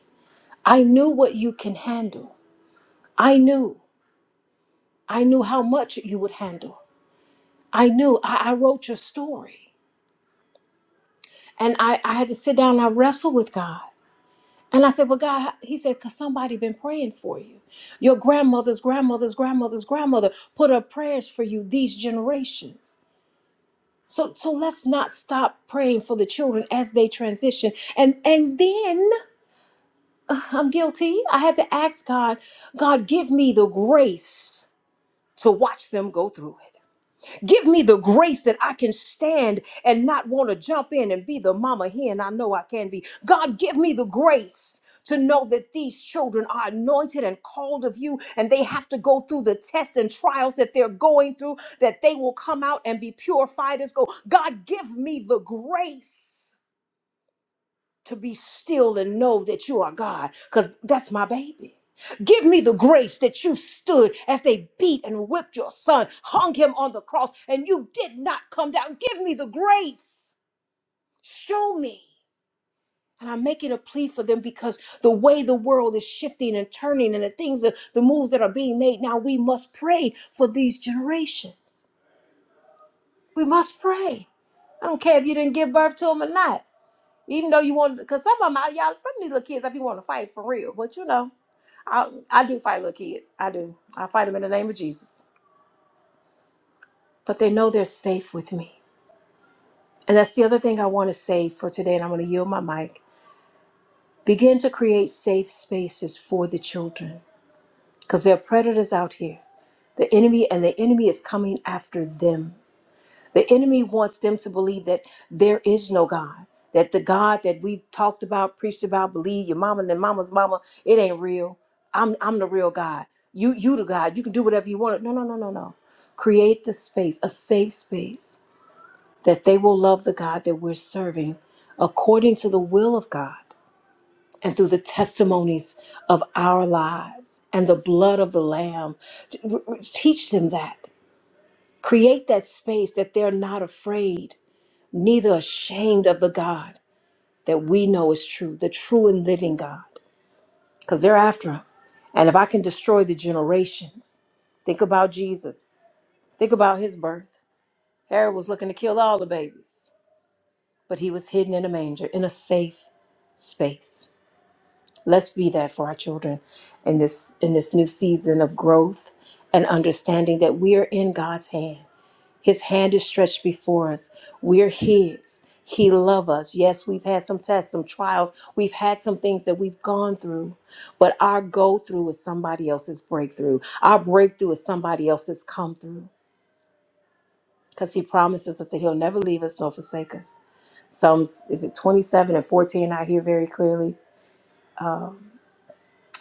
S3: I knew what you can handle. I knew. I knew how much you would handle. I knew I, I wrote your story. And I, I had to sit down and I wrestled with God. And I said, Well, God, he said, because somebody been praying for you. Your grandmother's grandmother's grandmother's grandmother put up prayers for you these generations. So so let's not stop praying for the children as they transition. And and then I'm guilty. I had to ask God, God, give me the grace to watch them go through it. Give me the grace that I can stand and not want to jump in and be the mama hen I know I can be. God, give me the grace to know that these children are anointed and called of you, and they have to go through the tests and trials that they're going through, that they will come out and be purified as gold. God, give me the grace to be still and know that you are God, because that's my baby. Give me the grace that you stood as they beat and whipped your son, hung him on the cross, and you did not come down. Give me the grace. Show me. And I'm making a plea for them because the way the world is shifting and turning and the things that the moves that are being made now, we must pray for these generations. We must pray. I don't care if you didn't give birth to them or not. Even though you want, because some of them, I, y'all, some of these little kids, I be want to fight for real. But you know, I I do fight little kids. I do. I fight them in the name of Jesus. But they know they're safe with me. And that's the other thing I want to say for today. And I'm going to yield my mic. Begin to create safe spaces for the children because there are predators out here. The enemy and the enemy is coming after them. The enemy wants them to believe that there is no God, that the God that we talked about, preached about, believe your mama and then mama's mama, it ain't real. I'm I'm the real God. You you the God. You can do whatever you want. No, no, no, no, no. Create the space, a safe space that they will love the God that we're serving according to the will of God and through the testimonies of our lives and the blood of the lamb. Teach them that. Create that space that they're not afraid neither ashamed of the God that we know is true, the true and living God, because they're after him. And if I can destroy the generations, think about Jesus, think about his birth. Herod was looking to kill all the babies, but he was hidden in a manger in a safe space. Let's be that for our children in this in this new season of growth and understanding that we are in God's hand His hand is stretched before us. We're His. He loves us. Yes, we've had some tests, some trials. We've had some things that we've gone through, but our go through is somebody else's breakthrough. Our breakthrough is somebody else's come through because He promises us that He'll never leave us nor forsake us. Psalms, is it 27 and 14? I hear very clearly.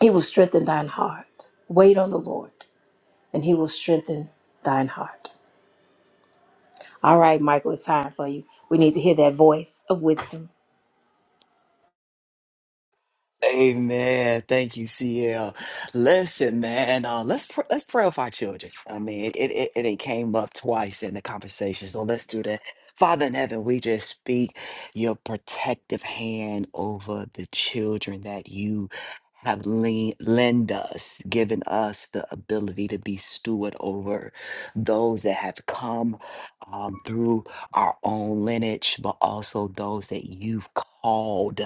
S3: He will strengthen thine heart. Wait on the Lord, and He will strengthen thine heart. All right, Michael, it's time for you. We need to hear that voice of wisdom.
S2: Amen. Thank you, CL. Listen, man, uh, let's pr- let's pray for our children. I mean, it, it it it came up twice in the conversation, so let's do that. Father in heaven, we just speak your protective hand over the children that you have lean, lend us, given us the ability to be steward over those that have come um, through our own lineage, but also those that you've called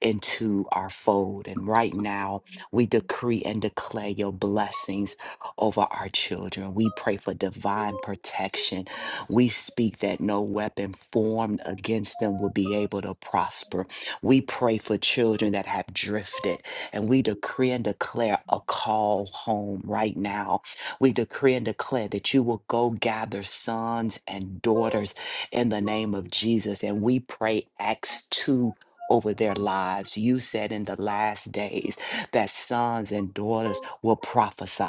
S2: into our fold. And right now, we decree and declare your blessings over our children. We pray for divine protection. We speak that no weapon formed against them will be able to prosper. We pray for children that have drifted, and we decree and declare a call home right now. We decree and declare that you will go gather sons and daughters in the name of Jesus. And we pray Acts 2 over their lives. You said in the last days that sons and daughters will prophesy.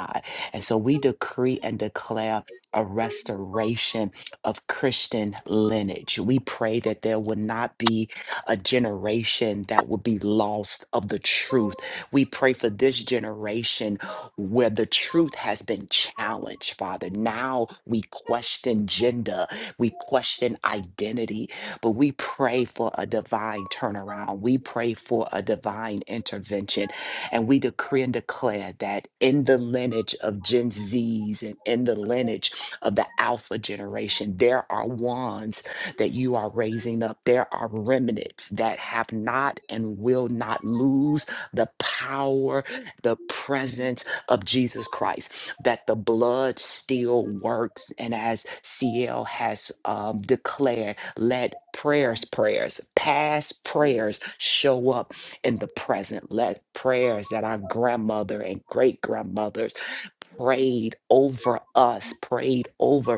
S2: And so we decree and declare a restoration of Christian lineage. We pray that there will not be a generation that will be lost of the truth. We pray for this generation where the truth has been challenged, Father. Now we question gender, we question identity, but we pray for a divine turnaround. We pray for a divine intervention. And we decree and declare that in the lineage of Gen Zs and in the lineage of the Alpha generation, there are ones that you are raising up. There are remnants that have not and will not lose the power, the presence of Jesus Christ that the blood still works. And as CL has um, declared, let prayers, prayers, past prayers show up in the present. Let prayers that our grandmother and great grandmothers prayed over us, prayed over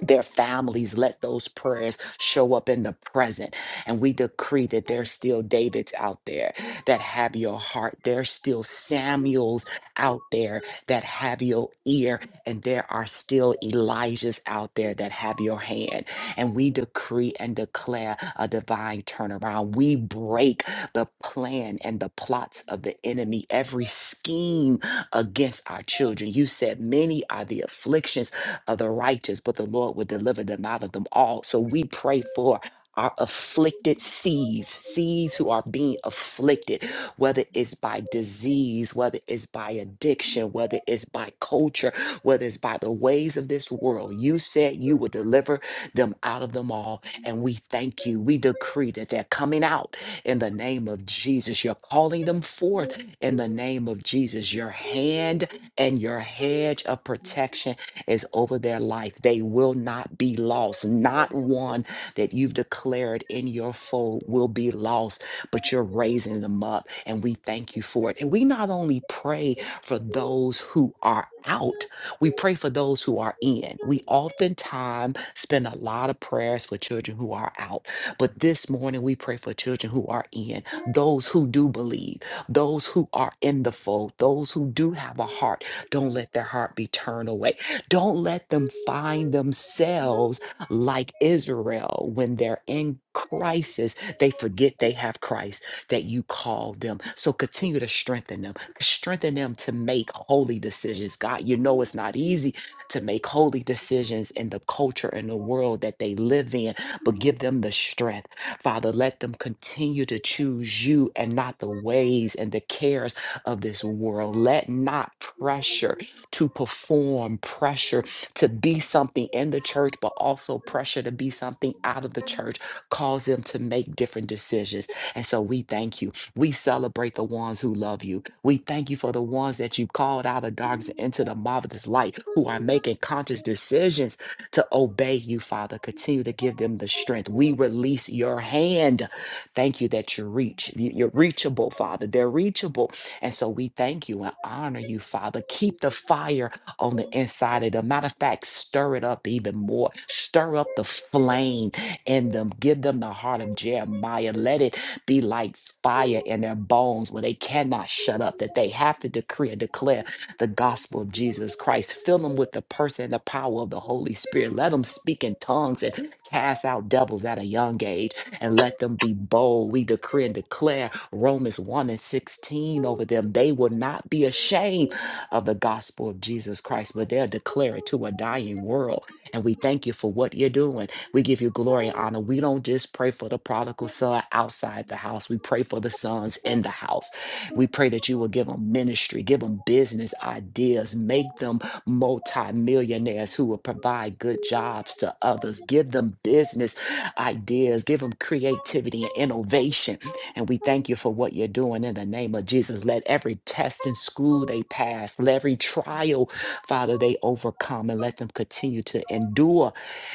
S2: their families. Let those prayers show up in the present. And we decree that there's still Davids out there that have your heart. There's still Samuels out there that have your ear. And there are still Elijahs out there that have your hand. And we decree and declare a divine turnaround. We break the plan and the plots of the enemy, every scheme against our children. You said, Many are the afflictions of the righteous, but the Lord will deliver them out of them all. So we pray for our afflicted seeds, seeds who are being afflicted, whether it's by disease, whether it's by addiction, whether it's by culture, whether it's by the ways of this world. You said you would deliver them out of them all. And we thank you. We decree that they're coming out in the name of Jesus. You're calling them forth in the name of Jesus. Your hand and your hedge of protection is over their life. They will not be lost. Not one that you've declared in your fold will be lost, but you're raising them up. And we thank you for it. And we not only pray for those who are out, we pray for those who are in. We oftentimes spend a lot of prayers for children who are out, but this morning we pray for children who are in, those who do believe, those who are in the fold, those who do have a heart. Don't let their heart be turned away. Don't let them find themselves like Israel when they're in crisis. They forget they have Christ that you called them. So continue to strengthen them, strengthen them to make holy decisions. God, you know it's not easy to make holy decisions in the culture and the world that they live in, but give them the strength. Father, let them continue to choose you and not the ways and the cares of this world. Let not pressure to perform, pressure to be something in the church, but also pressure to be something out of the church, cause them to make different decisions. And so we thank you. We celebrate the ones who love you. We thank you for the ones that you called out of darkness into the marvelous light, who are making conscious decisions to obey you, Father. Continue to give them the strength. We release your hand. Thank you that you reach. you- You're reachable, Father. They're reachable and so we thank you and honor you, Father. Keep the fire on the inside of them. Matter of fact, stir it up even more. Stir up the flame in them. Give them the heart of Jeremiah. Let it be like fire in their bones where they cannot shut up, that they have to decree and declare the gospel of Jesus Christ. Fill them with the person and the power of the Holy Spirit. Let them speak in tongues and cast out devils at a young age and let them be bold. We decree and declare Romans 1 and 16 over them. They will not be ashamed of the gospel of Jesus Christ, but they'll declare it to a dying world. And we thank you for what you're doing. We give you glory and honor. We don't just pray for the prodigal son outside the house, we pray for the sons in the house. We pray that you will give them ministry, give them business ideas, make them multimillionaires who will provide good jobs to others, give them business ideas, give them creativity and innovation and we thank you for what you're doing in the name of Jesus. Let every test and school they pass, let every trial, Father, they overcome, and let them continue to endure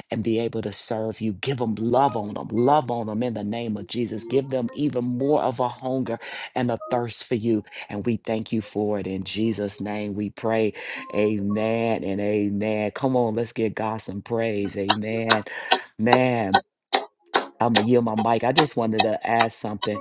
S2: and be able to serve you. Give them love on them, love on them in the name of Jesus. Give them even more of a hunger and a thirst for you. And we thank you for it. In Jesus' name we pray. Amen and amen. Come on, let's give God some praise. Amen. Man, I'm going to yield my mic. I just wanted to add something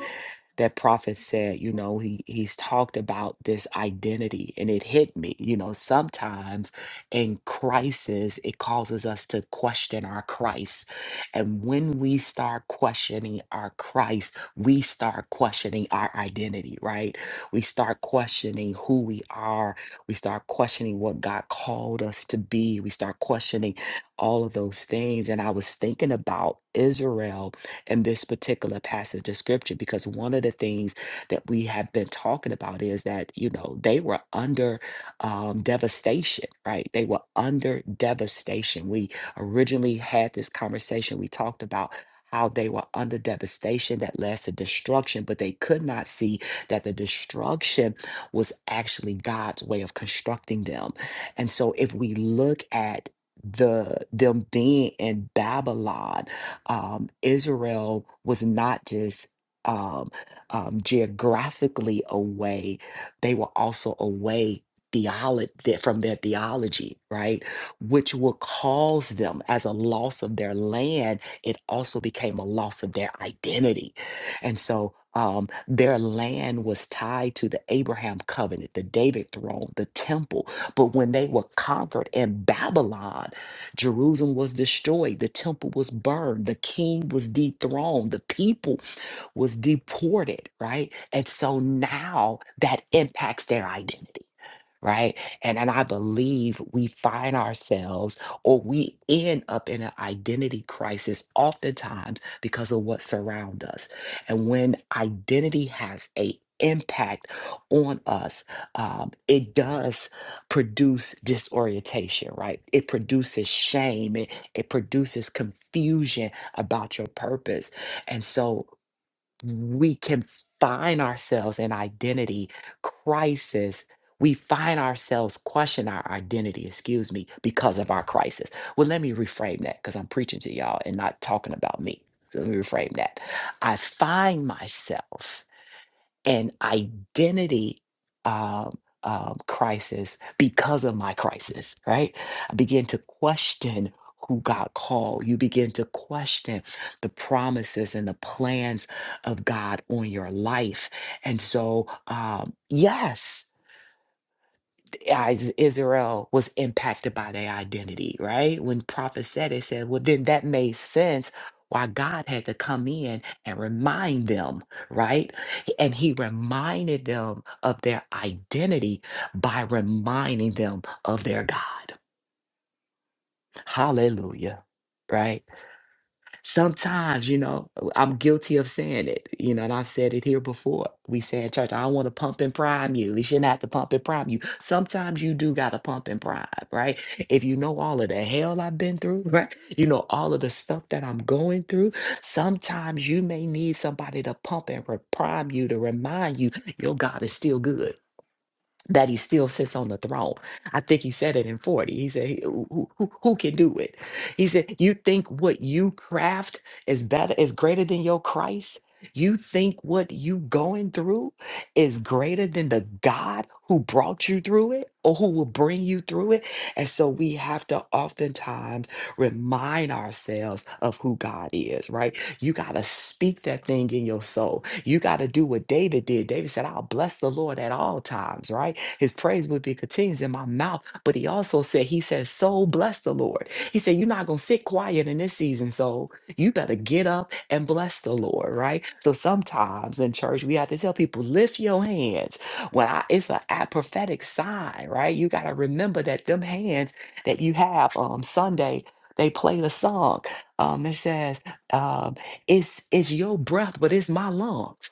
S2: that prophet said, you know, he he's talked about this identity and it hit me, you know, sometimes in crisis it causes us to question our Christ. And when we start questioning our Christ, we start questioning our identity, right? We start questioning who we are. We start questioning what God called us to be. We start questioning all of those things and I was thinking about Israel in this particular passage of scripture because one of the things that we have been talking about is that you know they were under um, devastation right they were under devastation we originally had this conversation we talked about how they were under devastation that led to destruction, but they could not see that the destruction was actually God's way of constructing them. And so if we look at the them being in Babylon um, Israel was not just um, um, geographically away, they were also away theolo- from their theology, right? Which will cause them as a loss of their land. It also became a loss of their identity. And so um, their land was tied to the Abraham covenant, the David throne, the temple. But when they were conquered in Babylon, Jerusalem was destroyed, the temple was burned, the king was dethroned, the people was deported, right? And so now that impacts their identity right? And and I believe we find ourselves or we end up in an identity crisis oftentimes because of what surrounds us. And when identity has a impact on us um, it does produce disorientation right it produces shame it, it produces confusion about your purpose and so we can find ourselves in identity crisis. We find ourselves question our identity, excuse me, because of our crisis. Well, let me reframe that because I'm preaching to y'all and not talking about me. So let me reframe that. I find myself an identity um, um, crisis because of my crisis, right? I begin to question who God called. You begin to question the promises and the plans of God on your life. And so, um, yes. Is- Israel was impacted by their identity, right? When prophet said it, said, well, then that made sense why God had to come in and remind them, right? And he reminded them of their identity by reminding them of their God. Hallelujah, right? sometimes, you know, I'm guilty of saying it, you know, and I've said it here before. We say in church, I don't want to pump and prime you. We shouldn't have to pump and prime you. Sometimes you do got to pump and prime, right? If you know all of the hell I've been through, right? You know, all of the stuff that I'm going through, sometimes you may need somebody to pump and re- prime you to remind you your God is still good that he still sits on the throne. I think he said it in 40. He said, he- who, who, who who can do it? He said, you think what you craft is better, is greater than your Christ? You think what you going through is greater than the God who brought you through it or who will bring you through it? And so we have to oftentimes remind ourselves of who God is, right? You got to speak that thing in your soul. You got to do what David did. David said, I'll bless the Lord at all times, right? His praise would be continuous in my mouth. But he also said, He said, Soul, bless the Lord. He said, You're not going to sit quiet in this season, soul. You better get up and bless the Lord, right? So sometimes in church, we have to tell people, Lift your hands. When I, it's a, a prophetic sign, right? You got to remember that them hands that you have um, Sunday, they played a song. Um, it says, uh, it's it's your breath, but it's my lungs.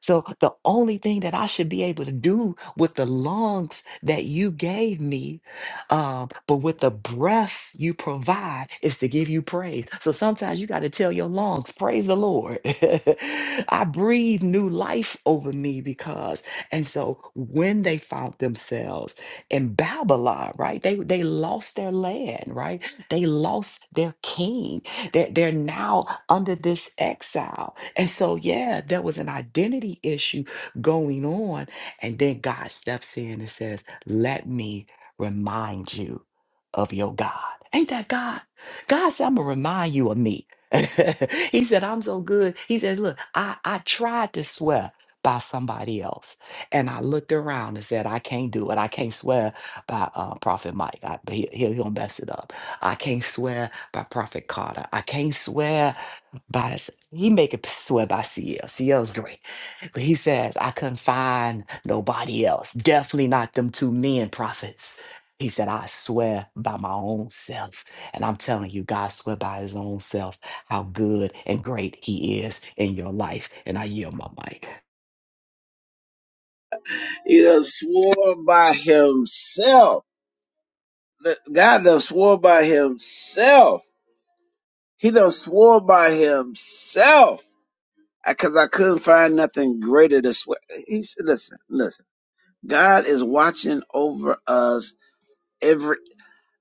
S2: So the only thing that I should be able to do with the lungs that you gave me, um, but with the breath you provide, is to give you praise. So sometimes you got to tell your lungs, praise the Lord. I breathe new life over me because, and so when they found themselves in Babylon, right? They they lost their land, right? They lost their king they're, they're now under this exile. And so, yeah, there was an identity issue going on. And then God steps in and says, Let me remind you of your God. Ain't that God? God said, I'm going to remind you of me. he said, I'm so good. He said, Look, I, I tried to swear by somebody else. And I looked around and said, I can't do it. I can't swear by uh, Prophet Mike. I, he, he'll, he'll mess it up. I can't swear by Prophet Carter. I can't swear by he make it swear by CL. CL's great. But he says, I couldn't find nobody else. Definitely not them two men prophets. He said, I swear by my own self. And I'm telling you, God swear by his own self how good and great he is in your life. And I yield my mic.
S1: He done swore by himself. God done swore by himself. He done swore by himself because I couldn't find nothing greater to swear. He said, listen, listen. God is watching over us every.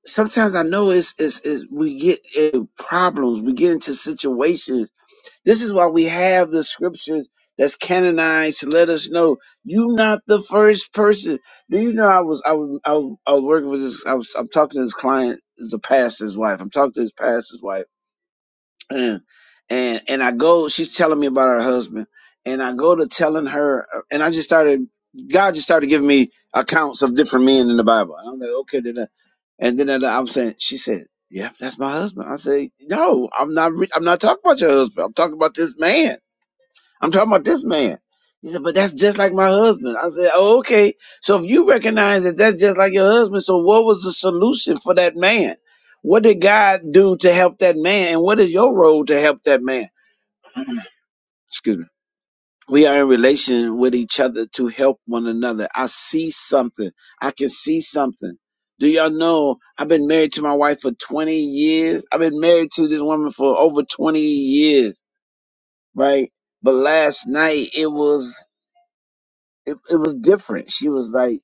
S1: Sometimes I know it's, it's, it's we get into problems, we get into situations. This is why we have the scriptures that's canonized to let us know you not the first person. Do you know I was I was I was, I was working with this I was I'm talking to this client, is a pastor's wife. I'm talking to his pastor's wife and and and I go. She's telling me about her husband, and I go to telling her, and I just started. God just started giving me accounts of different men in the Bible. And I'm like, okay, then. I- And then I- I'm saying, she said, "Yeah, that's my husband." I say, "No, I'm not. Re- I'm not talking about your husband. I'm talking about this man." I'm talking about this man. He said, but that's just like my husband. I said, oh, okay. So if you recognize that that's just like your husband, so what was the solution for that man? What did God do to help that man? And what is your role to help that man? Excuse me. We are in relation with each other to help one another. I see something. I can see something. Do y'all know I've been married to my wife for 20 years? I've been married to this woman for over 20 years, right? But last night it was it, it was different. She was like,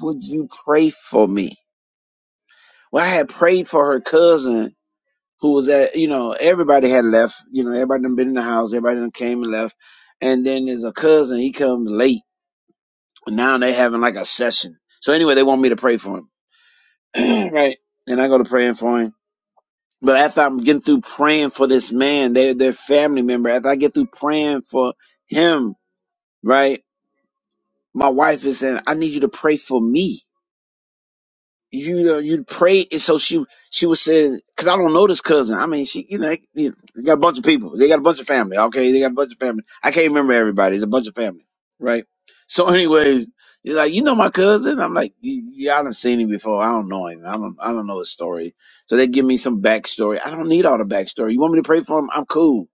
S1: "Would you pray for me?" Well, I had prayed for her cousin who was at you know everybody had left. You know everybody done been in the house. Everybody done came and left. And then there's a cousin. He comes late. And now they having like a session. So anyway, they want me to pray for him, right? And I go to praying for him. But after I'm getting through praying for this man, they their family member. After I get through praying for him, right? My wife is saying, "I need you to pray for me." you know, you'd pray, and so she she was saying, because I don't know this cousin. I mean, she, you know, they, you know, they got a bunch of people. They got a bunch of family. Okay, they got a bunch of family. I can't remember everybody. It's a bunch of family, right? So, anyways, you're like, you know, my cousin. I'm like, yeah, I done seen him before. I don't know him. I don't, I don't know his story. So they give me some backstory. I don't need all the backstory. You want me to pray for him? I'm cool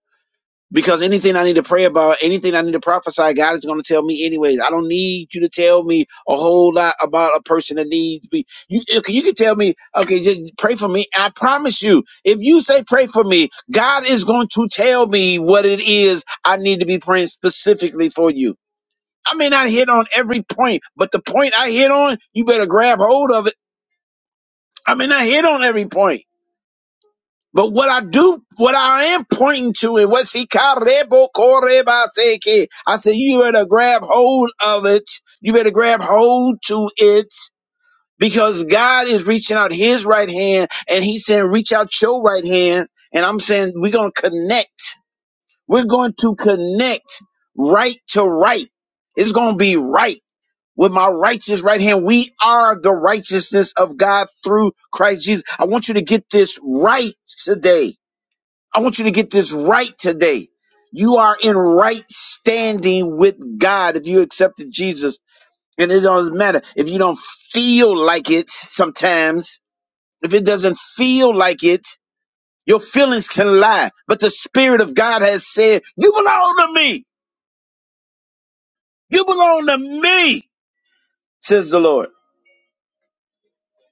S1: because anything I need to pray about, anything I need to prophesy, God is going to tell me anyways. I don't need you to tell me a whole lot about a person that needs me. You you can you can tell me, okay, just pray for me. I promise you, if you say pray for me, God is going to tell me what it is I need to be praying specifically for you. I may not hit on every point, but the point I hit on, you better grab hold of it. I may not hit on every point. But what I do, what I am pointing to, and what she karebo koreba seke, I said, you better grab hold of it. You better grab hold to it because God is reaching out His right hand, and He's saying, reach out your right hand. And I'm saying, we're gonna connect. We're going to connect right to right. It's gonna be right. With my righteous right hand, we are the righteousness of God through Christ Jesus. I want you to get this right today. I want you to get this right today. You are in right standing with God if you accepted Jesus. And it doesn't matter if you don't feel like it sometimes, if it doesn't feel like it, your feelings can lie. But the Spirit of God has said, You belong to me. You belong to me, says the Lord.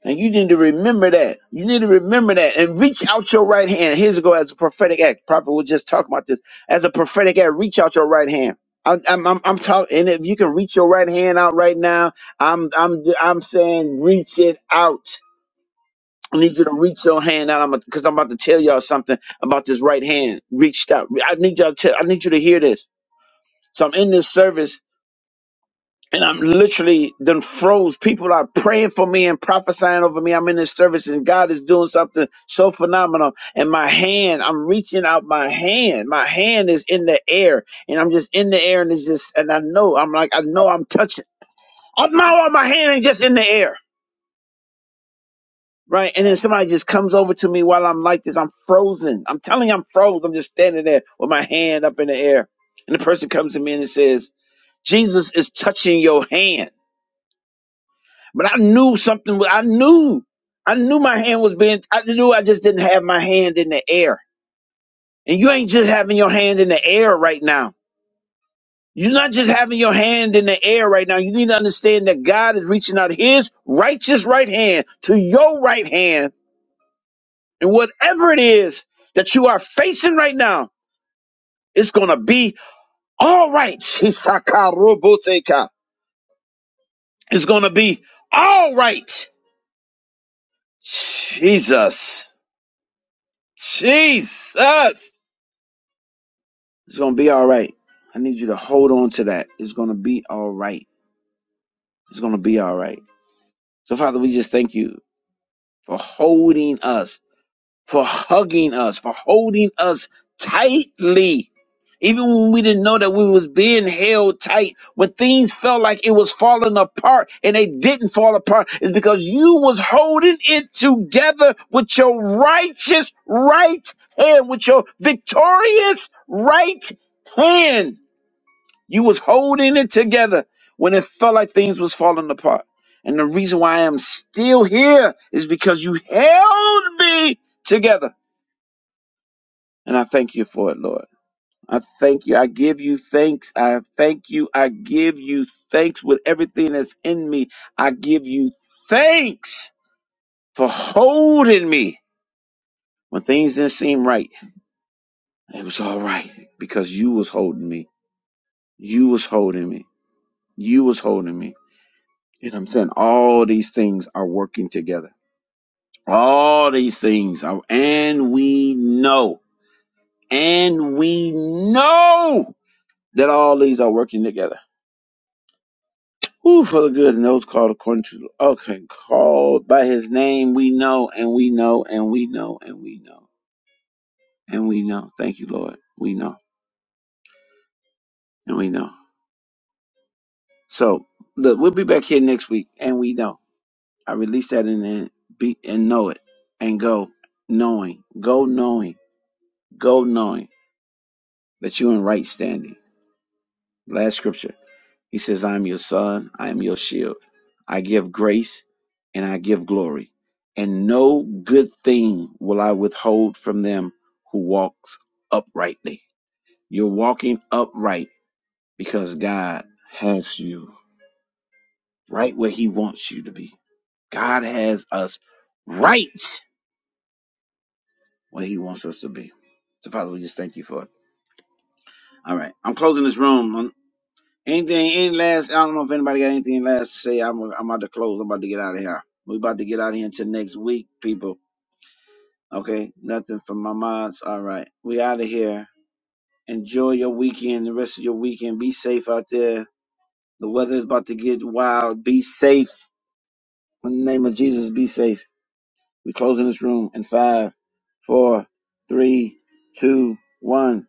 S1: And you need to remember that. You need to remember that and reach out your right hand. Here's a go as a prophetic act. Prophet was just talking about this. As a prophetic act, reach out your right hand. I'm I'm I'm, I'm talking, and if you can reach your right hand out right now, I'm I'm I'm saying reach it out. I need you to reach your hand out. I'm because I'm about to tell y'all something about this right hand reached out. I need y'all to I need you to hear this. So I'm in this service and I'm literally done froze. People are praying for me and prophesying over me. I'm in this service and God is doing something so phenomenal. And my hand, I'm reaching out my hand. My hand is in the air and I'm just in the air and it's just, and I know, I'm like, I know I'm touching. I know my hand ain't just in the air. Right. And then somebody just comes over to me while I'm like this. I'm frozen. I'm telling you, I'm froze. I'm just standing there with my hand up in the air. And the person comes to me and it says, Jesus is touching your hand. But I knew something. wa- I knew. I knew my hand was being. I knew I just didn't have my hand in the air. And you ain't just having your hand in the air right now. You're not just having your hand in the air right now. You need to understand that God is reaching out His righteous right hand to your right hand, and whatever it is that you are facing right now, it's gonna be all right. Hisakaroboseka. It's gonna be all right. Jesus, Jesus. It's gonna be all right. I need you to hold on to that. It's gonna be all right. It's gonna be all right. So Father, we just thank you for holding us, for hugging us, for holding us tightly. Even when we didn't know that we was being held tight, when things felt like it was falling apart and they didn't fall apart, is because you was holding it together with your righteous right hand, with your victorious right hand. You was holding it together when it felt like things was falling apart. And the reason why I am still here is because you held me together. And I thank you for it, Lord. I thank you. I give you thanks. I thank you. I give you thanks with everything that's in me. I give you thanks for holding me when things didn't seem right. It was all right because you was holding me. You was holding me. You was holding me You know what I'm saying? All these things are working together. All these things are, and we know, and we know that all these are working together. Who for the good and those called according to, okay, called by his name, we know, and we know, and we know, and we know, and we know. Thank you, Lord. We know, and we know. So, look, we'll be back here next week, and we know. I release that and then be, and know it, and go knowing, go knowing, go knowing. that you're in right standing. Last scripture, he says, I am your son, I am your shield. I give grace and I give glory. And no good thing will I withhold from them who walks uprightly. You're walking upright because God has you right where he wants you to be. God has us right where he wants us to be. So Father, we just thank you for it. All right. I'm closing this room. Anything, any last, I don't know if anybody got anything last to say. I'm, I'm about to close. I'm about to get out of here. we about to get out of here until next week, people. Okay? Nothing from my mods. All right. We out of here. Enjoy your weekend, the rest of your weekend. Be safe out there. The weather is about to get wild. Be safe. In the name of Jesus, be safe. we closing this room in five, four, three, two, one.